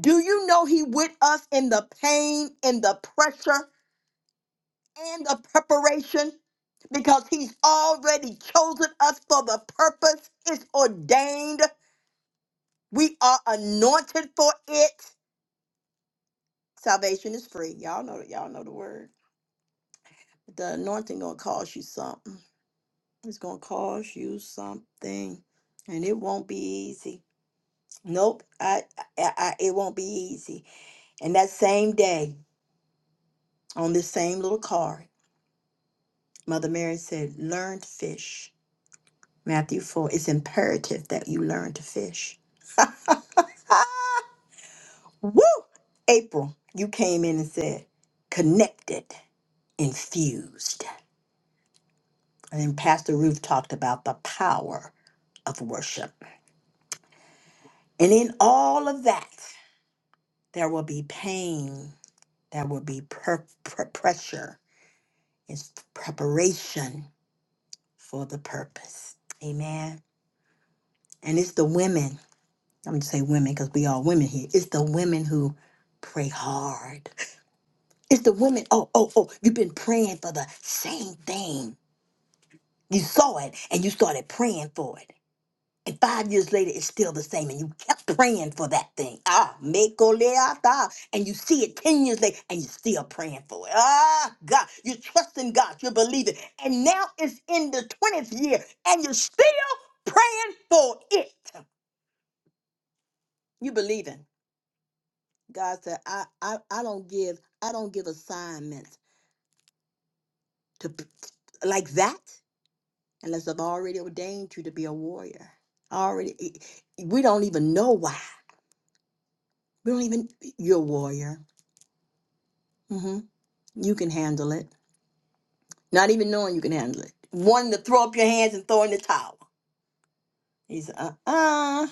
Do you know he with us in the pain, in the pressure, and the preparation? because he's already chosen us for the purpose. It's ordained. We are anointed for it. Salvation is free. Y'all know y'all know the word. The anointing gonna cost you something. It's gonna cost you something, and it won't be easy. Nope, I, I, I it won't be easy. And that same day, on this same little card, Mother Mary said, "Learn to fish." Matthew four. It's imperative that you learn to fish. Woo! April, you came in and said, "Connected." infused. And then Pastor Ruth talked about the power of worship. And in all of that, there will be pain, there will be per- per- pressure. It's preparation for the purpose. Amen. And it's the women, I'm going to say women because we all women here. It's the women who pray hard. It's the women, oh, oh, oh, you've been praying for the same thing. You saw it and you started praying for it. And five years later, it's still the same. And you kept praying for that thing. Ah, mekoleata. And you see it 10 years later, and you're still praying for it. Ah, God. You're trusting God. You're believing. And now it's in the 20th year, and you're still praying for it. You believing. God said, I, I, I don't give, I don't give assignments to p- like that unless I've already ordained you to be a warrior. Already, we don't even know why. We don't even, you're a warrior hmm You can handle it. Not even knowing you can handle it. Wanting to throw up your hands and throw in the towel. He said, uh uh.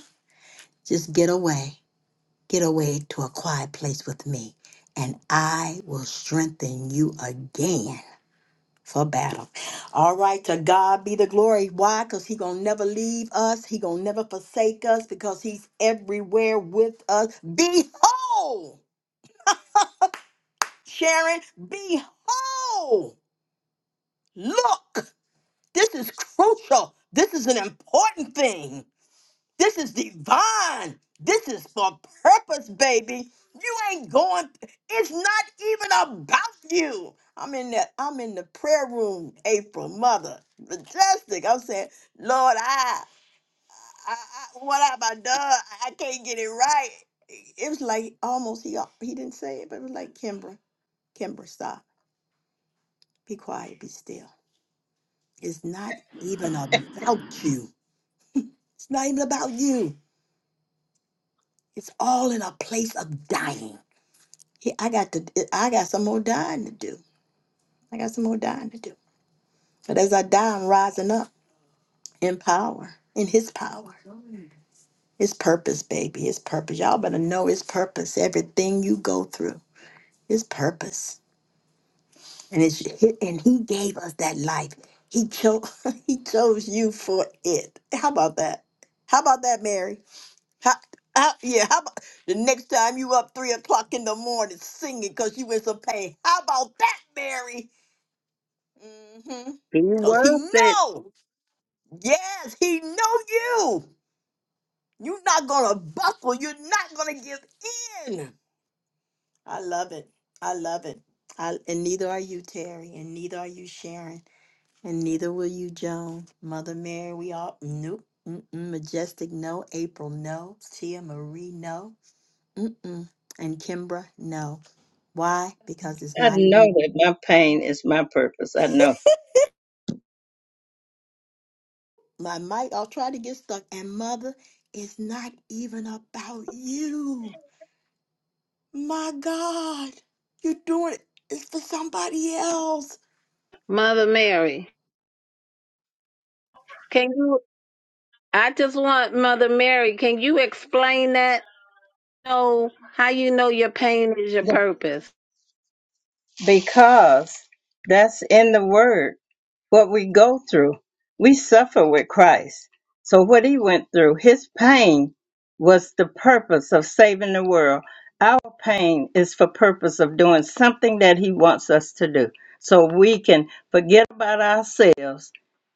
Just get away. Get away to a quiet place with me, and I will strengthen you again for battle. All right, to God be the glory. Why? Because He gonna never leave us. He gonna never forsake us because He's everywhere with us. Behold, Sharon, behold, look. This is crucial. This is an important thing. This is divine. This is for purpose, baby. You ain't going, it's not even about you. I'm in that, I'm in the prayer room, April, mother. Majestic. I'm saying, Lord, I, I, I what have I done? I can't get it right. It was like almost he he didn't say it, but it was like Kimbra, Kimbra, stop. Be quiet, be still. It's not even about you. It's not even about you. It's all in a place of dying. Yeah, I got to. I got some more dying to do. I got some more dying to do. But as I die, I'm rising up in power, in His power. His purpose, baby. His purpose. Y'all better know His purpose. Everything you go through, His purpose. And it's and He gave us that life. He chose. he chose you for it. How about that? How about that, Mary? How, how, yeah, how about the next time you up three o'clock in the morning singing because you in some pain? How about that, Mary? Mm-hmm. He Because he worth it. know. Yes, he know you. You're not going to buckle. You're not going to give in. I love it. I love it. I, and neither are you, Terry, and neither are you, Sharon, and neither will you, Joan. Mother Mary, we all, nope. Mm-mm, Majestic, no. April, no. Tia Marie, no. Mm-mm. And Kimbra, no. Why? Because it's I not know even that my pain is my purpose. I know my mic. I'll try to get stuck. And mother, it's not even about you. My God, you're doing it. It's for somebody else. Mother Mary. Can you I just want Mother Mary, can you explain that? No, how you know your pain is your purpose? because that's in the word. what we go through. We suffer with Christ. So what he went through, his pain was the purpose of saving the world. Our pain is for purpose of doing something that he wants us to do. So we can forget about ourselves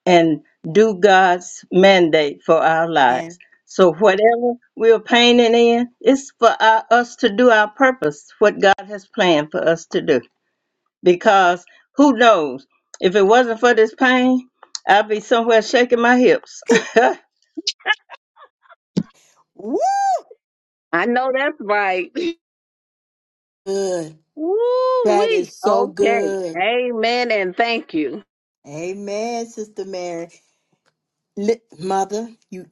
and do God's mandate for our lives. And So whatever we're painting in, it's for our, us to do our purpose, what God has planned for us to do because who knows if it wasn't for this pain i'd be somewhere shaking my hips i woo, I know that's right. good. Woo That wee. is so Okay. good. Amen and thank you. Amen, Sister Mary. Li- mother, you.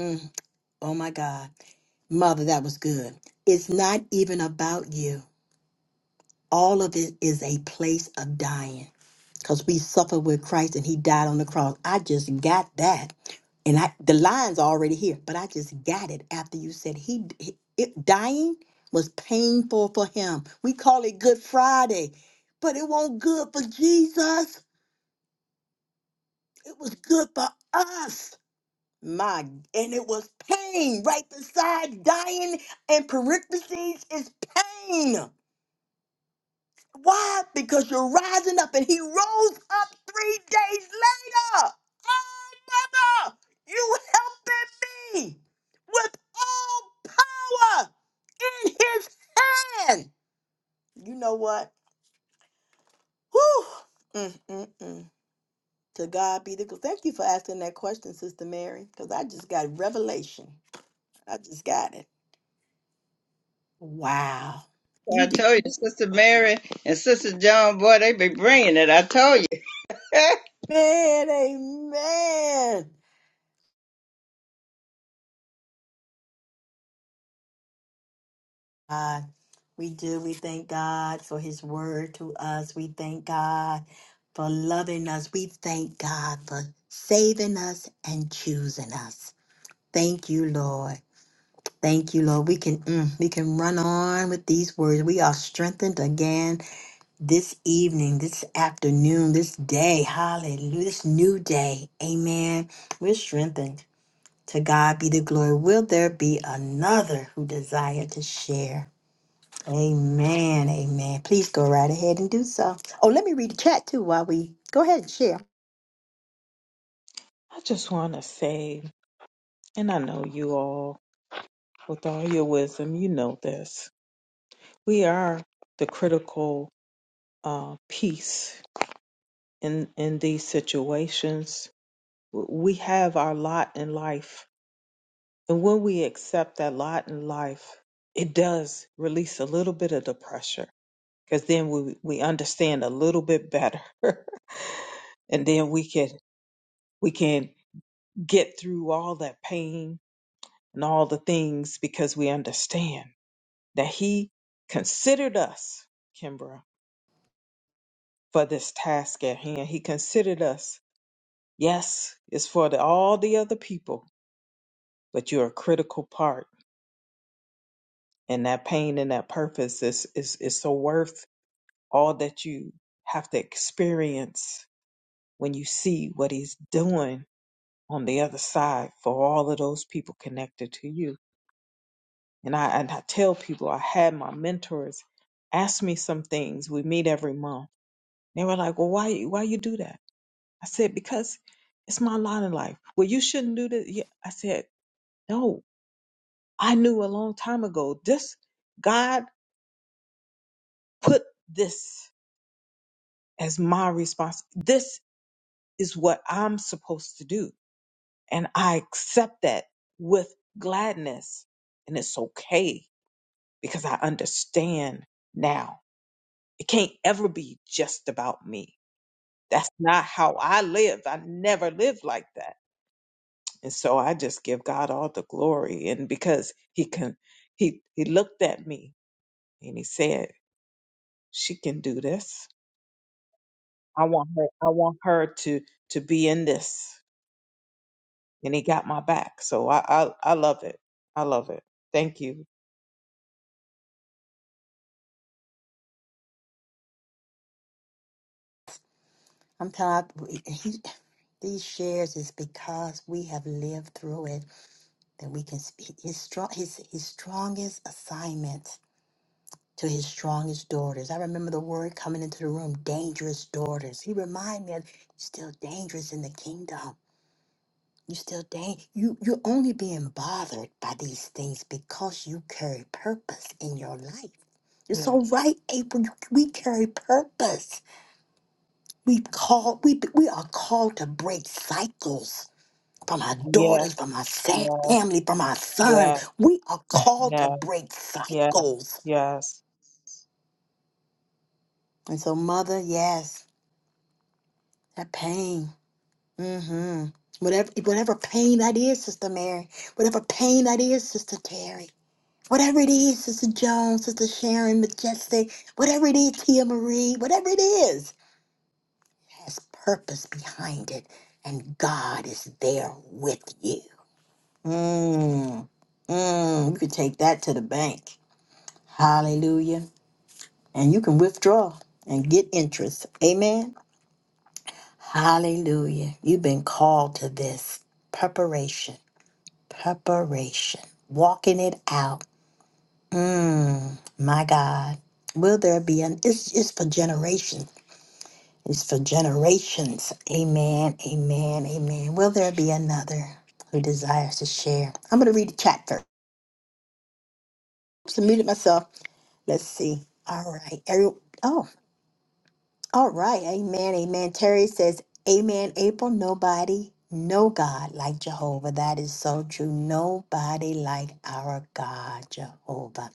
Mm, oh my God, mother, that was good. It's not even about you. All of it is a place of dying. because we suffer with Christ and he died on the cross. I just got that. And I the line's already here, but I just got it after you said he, he- it, dying was painful for him. We call it Good Friday, but it wasn't good for Jesus. It was good for us. My and it was pain right beside dying and parentheses is pain. Why? Because you're rising up, and he rose up three days later. Oh, mother, you helping me with all power in his hand. You know what? Whew. Mm, mm, mm. To God be the glory. Thank you for asking that question, Sister Mary, because I just got revelation. I just got it. Wow. You did. told you sister mary and sister john boy they be bringing it i told you Man, amen. We do. We thank God for His word to us. We thank God for loving us. We thank God for saving us and choosing us. Thank you, Lord. Thank you, Lord. We can mm, we can run on with these words. We are strengthened again this evening, this afternoon, this day. Hallelujah. This new day. Amen. We're strengthened. To God be the glory. Will there be another who desire to share? Amen. Amen. Please go right ahead and do so. Oh, let me read the chat too while we go ahead and share. I just want to say, and I know you all, with all your wisdom, you know this. We are the critical uh, peace in in these situations. W- We have our lot in life, and when we accept that lot in life, it does release a little bit of the pressure because then we we understand a little bit better, and then we can we can get through all that pain and all the things because we understand that He considered us, Kimbra, for this task at hand. He considered us Yes, it's for the, all the other people, but you're a critical part, and that pain and that purpose is is is so worth all that you have to experience when you see what he's doing on the other side for all of those people connected to you. And I and I tell people I had my mentors ask me some things. We meet every month. They were like, "Well, why why you do that?" I said, "Because it's my lot in life." Well, you shouldn't do that. Yeah. I said, "No, I knew a long time ago this God put this as my response. This is what I'm supposed to do. And I accept that with gladness. And it's okay because I understand now. It can't ever be just about me. That's not how I live. I never lived like that. And so I just give God all the glory. And because he can he he looked at me and he said, She can do this I want her. I want her to to be in this, and he got my back. So I I, I love it. I love it. Thank you. I'm tired. we- He, these shares is because we have lived through it that we can speak his strong his his strongest assignment to his strongest daughters. I remember the word coming into the room, dangerous daughters. He reminded me of still dangerous in the kingdom. You still dang you you're only being bothered by these things because you carry purpose in your life. You're Yeah. so right, April. You- We carry purpose. We call we we are called to break cycles from our Yeah. daughters, from our sa- Yeah. family, from our sons. Yeah. We are called to Yeah. break cycles. Yeah. And so, mother, yes, that pain. Mm-hmm. Whatever whatever pain that is, Sister Mary. Whatever pain that is, Sister Terry. Whatever it is, Sister Jones, Sister Sharon, Majestic, whatever it is, Tia Marie, whatever it is, has purpose behind it. And God is there with you. Mm, mm, you can take that to the bank. Hallelujah. And you can withdraw and get interest. Amen. Hallelujah. You've been called to this preparation, preparation, walking it out Mm, my God. Will there be an it's it's for generations. It's for generations. Amen. Amen. Amen. Will there be another who desires to share? I'm gonna read the chat first. So muted myself. Let's see. All right. Every, oh, all right. Amen. Amen. Terry says, Amen, April. Nobody, no God like Jehovah. That is so true. Nobody like our God, Jehovah.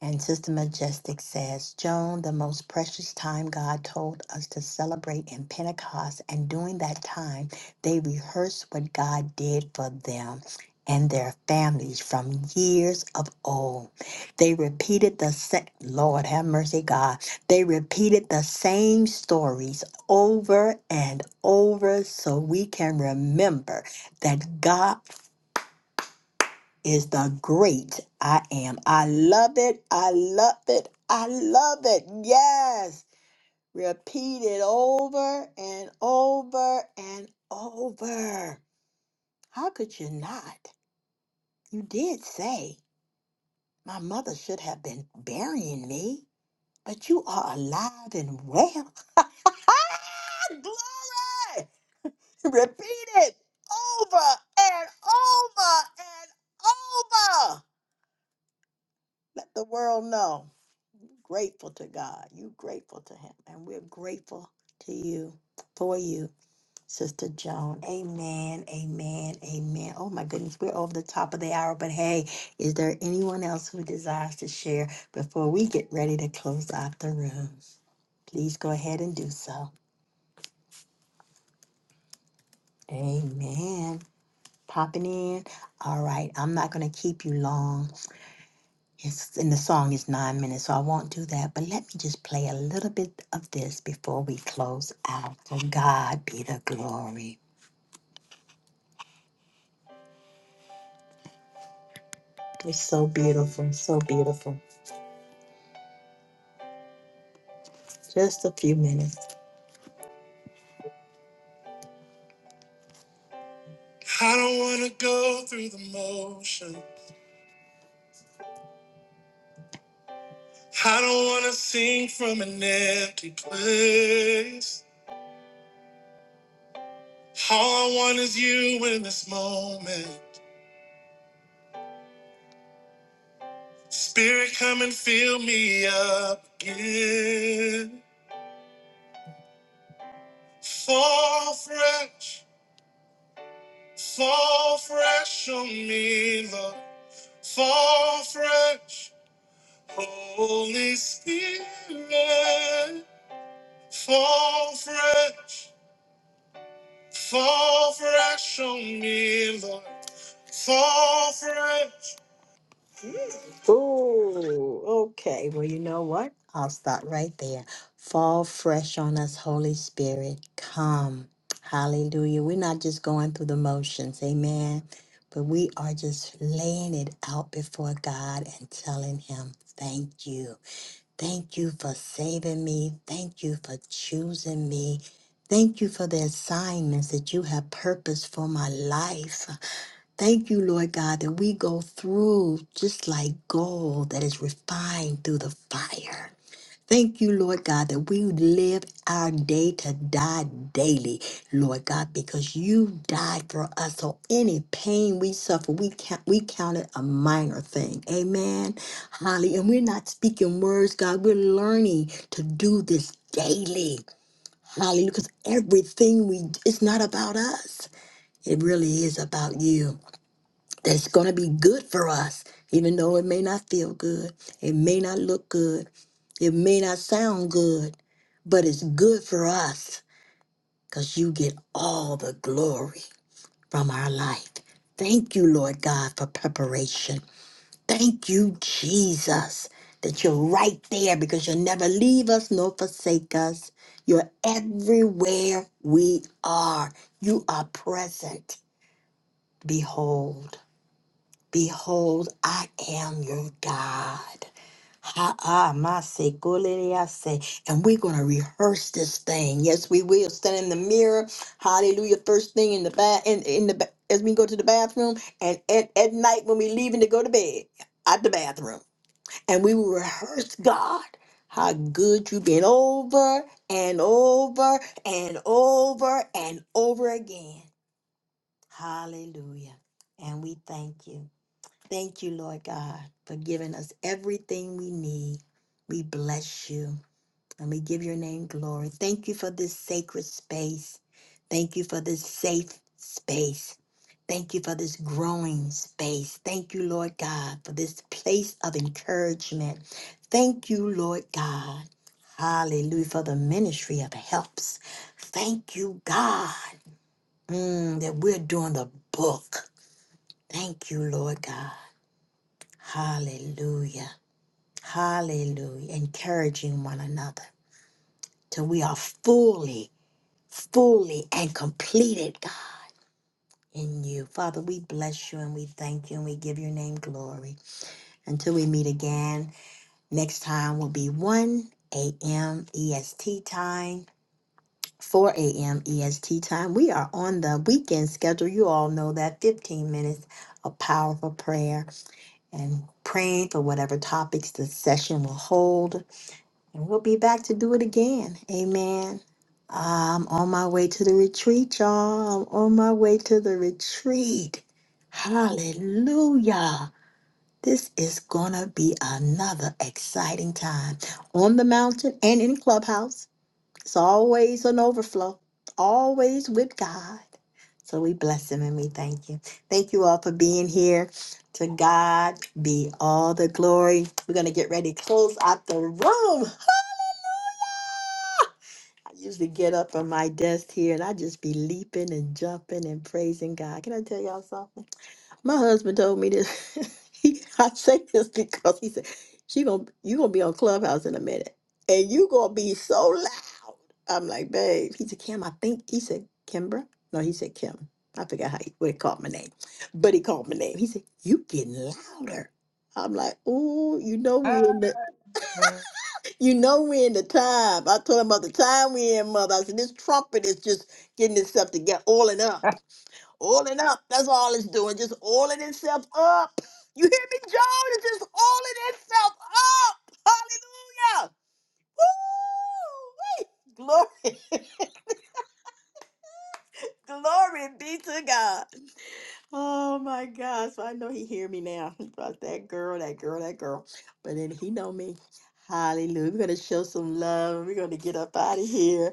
And Sister Majestic says, Joan, the most precious time God told us to celebrate in Pentecost, and during that time, they rehearsed what God did for them and their families from years of old. They repeated the same, Lord have mercy, God. They repeated the same stories over and over so we can remember that God is the great I am. I love it. I love it. I love it. Yes. Repeat it over and over and over. How could you not? You did say, My mother should have been burying me, but you are alive and well. Glory! Repeat it over and over and over. Let the world know. Grateful to God. You grateful to Him. And we're grateful to you for you, Sister Joan. Amen. Amen. Amen. Oh my goodness, we're over the top of the hour. But hey, is there anyone else who desires to share before we get ready to close out the room? Please go ahead and do so. Amen. Popping in. All right. I'm not going to keep you long. Yes, and the song is nine minutes, so I won't do that. But let me just play a little bit of this before we close out. For God be the glory. It's so beautiful, so beautiful. Just a few minutes. I don't want to go through the motion. I don't want to sing from an empty place. All I want is you in this moment. Spirit, come and fill me up again. Fall fresh. Fall fresh on me, Lord. Fall fresh, Holy Spirit. Fall fresh, fall fresh on me, Lord. Fall fresh. Ooh, okay. Well, you know what? I'll start right there. Fall fresh on us, Holy Spirit. Come. Hallelujah. We're not just going through the motions. Amen. But we are just laying it out before God and telling Him, thank you. Thank you for saving me. Thank you for choosing me. Thank you for the assignments that you have purposed for my life. Thank you, Lord God, that we go through just like gold that is refined through the fire. Thank you, Lord God, that we live our day to die daily, Lord God, because you died for us. So any pain we suffer, we count, we count it a minor thing. Amen. Holly, and we're not speaking words, God. We're learning to do this daily. Hallelujah. Because everything we it's not about us. It really is about you that's going to be good for us, even though it may not feel good, it may not look good, it may not sound good, but it's good for us because you get all the glory from our life. Thank you, Lord God, for preparation. Thank you, Jesus, that you're right there because you'll never leave us nor forsake us. You're everywhere we are. You are present. Behold. Behold, I am your God. Ha ah, my se, golele, I say. And we're going to rehearse this thing. Yes, we will. Stand in the mirror. Hallelujah. First thing in the bath, in, in the ba- as we go to the bathroom, and at, at night when we're leaving to go to bed, at the bathroom, and we will rehearse God. How good you've been over and over and over and over again. Hallelujah. And we thank you. Thank you, Lord God, for giving us everything we need. We bless you and we give your name glory. Thank you for this sacred space. Thank you for this safe space. Thank you for this growing space. Thank you, Lord God, for this place of encouragement. Thank you, Lord God. Hallelujah for the ministry of helps. Thank you, God, mm, that we're doing the book. Thank you, Lord God. Hallelujah. Hallelujah. Encouraging one another till we are fully, fully and completed, God, in you. Father, we bless you and we thank you and we give your name glory. Until we meet again, next time will be 1 a.m. EST time. 4 a.m. EST time. We are on the weekend schedule. You all know that 15 minutes of powerful prayer and praying for whatever topics the session will hold And we'll be back to do it again. Amen. I'm on my way to the retreat, y'all. I'm on my way to the retreat. Hallelujah. This is going to be another exciting time on the mountain and in Clubhouse. It's always an overflow, always with God. So we bless Him and we thank you. Thank you all for being here. To God be all the glory. We're going to get ready to close out the room. I usually get up from my desk here and I just be leaping and jumping and praising God. Can I tell y'all something? My husband told me this. he, I say this because he said, "She gonna you gonna be on Clubhouse in a minute, and you gonna be so loud." I'm like, "Babe," he said, "Kim, I think." He said, "Kimbra." No, he said Kim. I forgot how he, what he called my name, but he called my name. He said, "You getting louder." I'm like, "Ooh, you know we in the Yes. you know we in the time. I told him about the time we in, mother. I said, this trumpet is just getting itself together, oiling up. Oiling up. That's all it's doing. Just oiling itself up. You hear me, Joan? It's just oiling itself up. Hallelujah. Woo! Glory. Glory be to God. Oh my gosh. I know he hear me now about that girl, that girl, that girl. But then he know me. Hallelujah. We're gonna show some love. We're gonna get up out of here.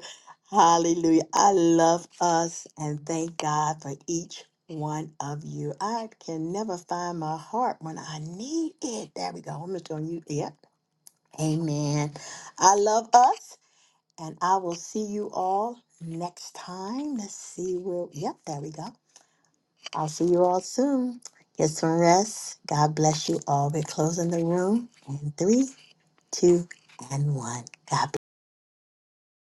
Hallelujah. I love us and thank God for each one of you. I can never find my heart when I need it. There we go. I'm just gonna use Yep. Amen. I love us and I will see you all next time. Let's see where yep, there we go. I'll see you all soon. Get some rest. God bless you all. We're closing the room in three, two, and one. God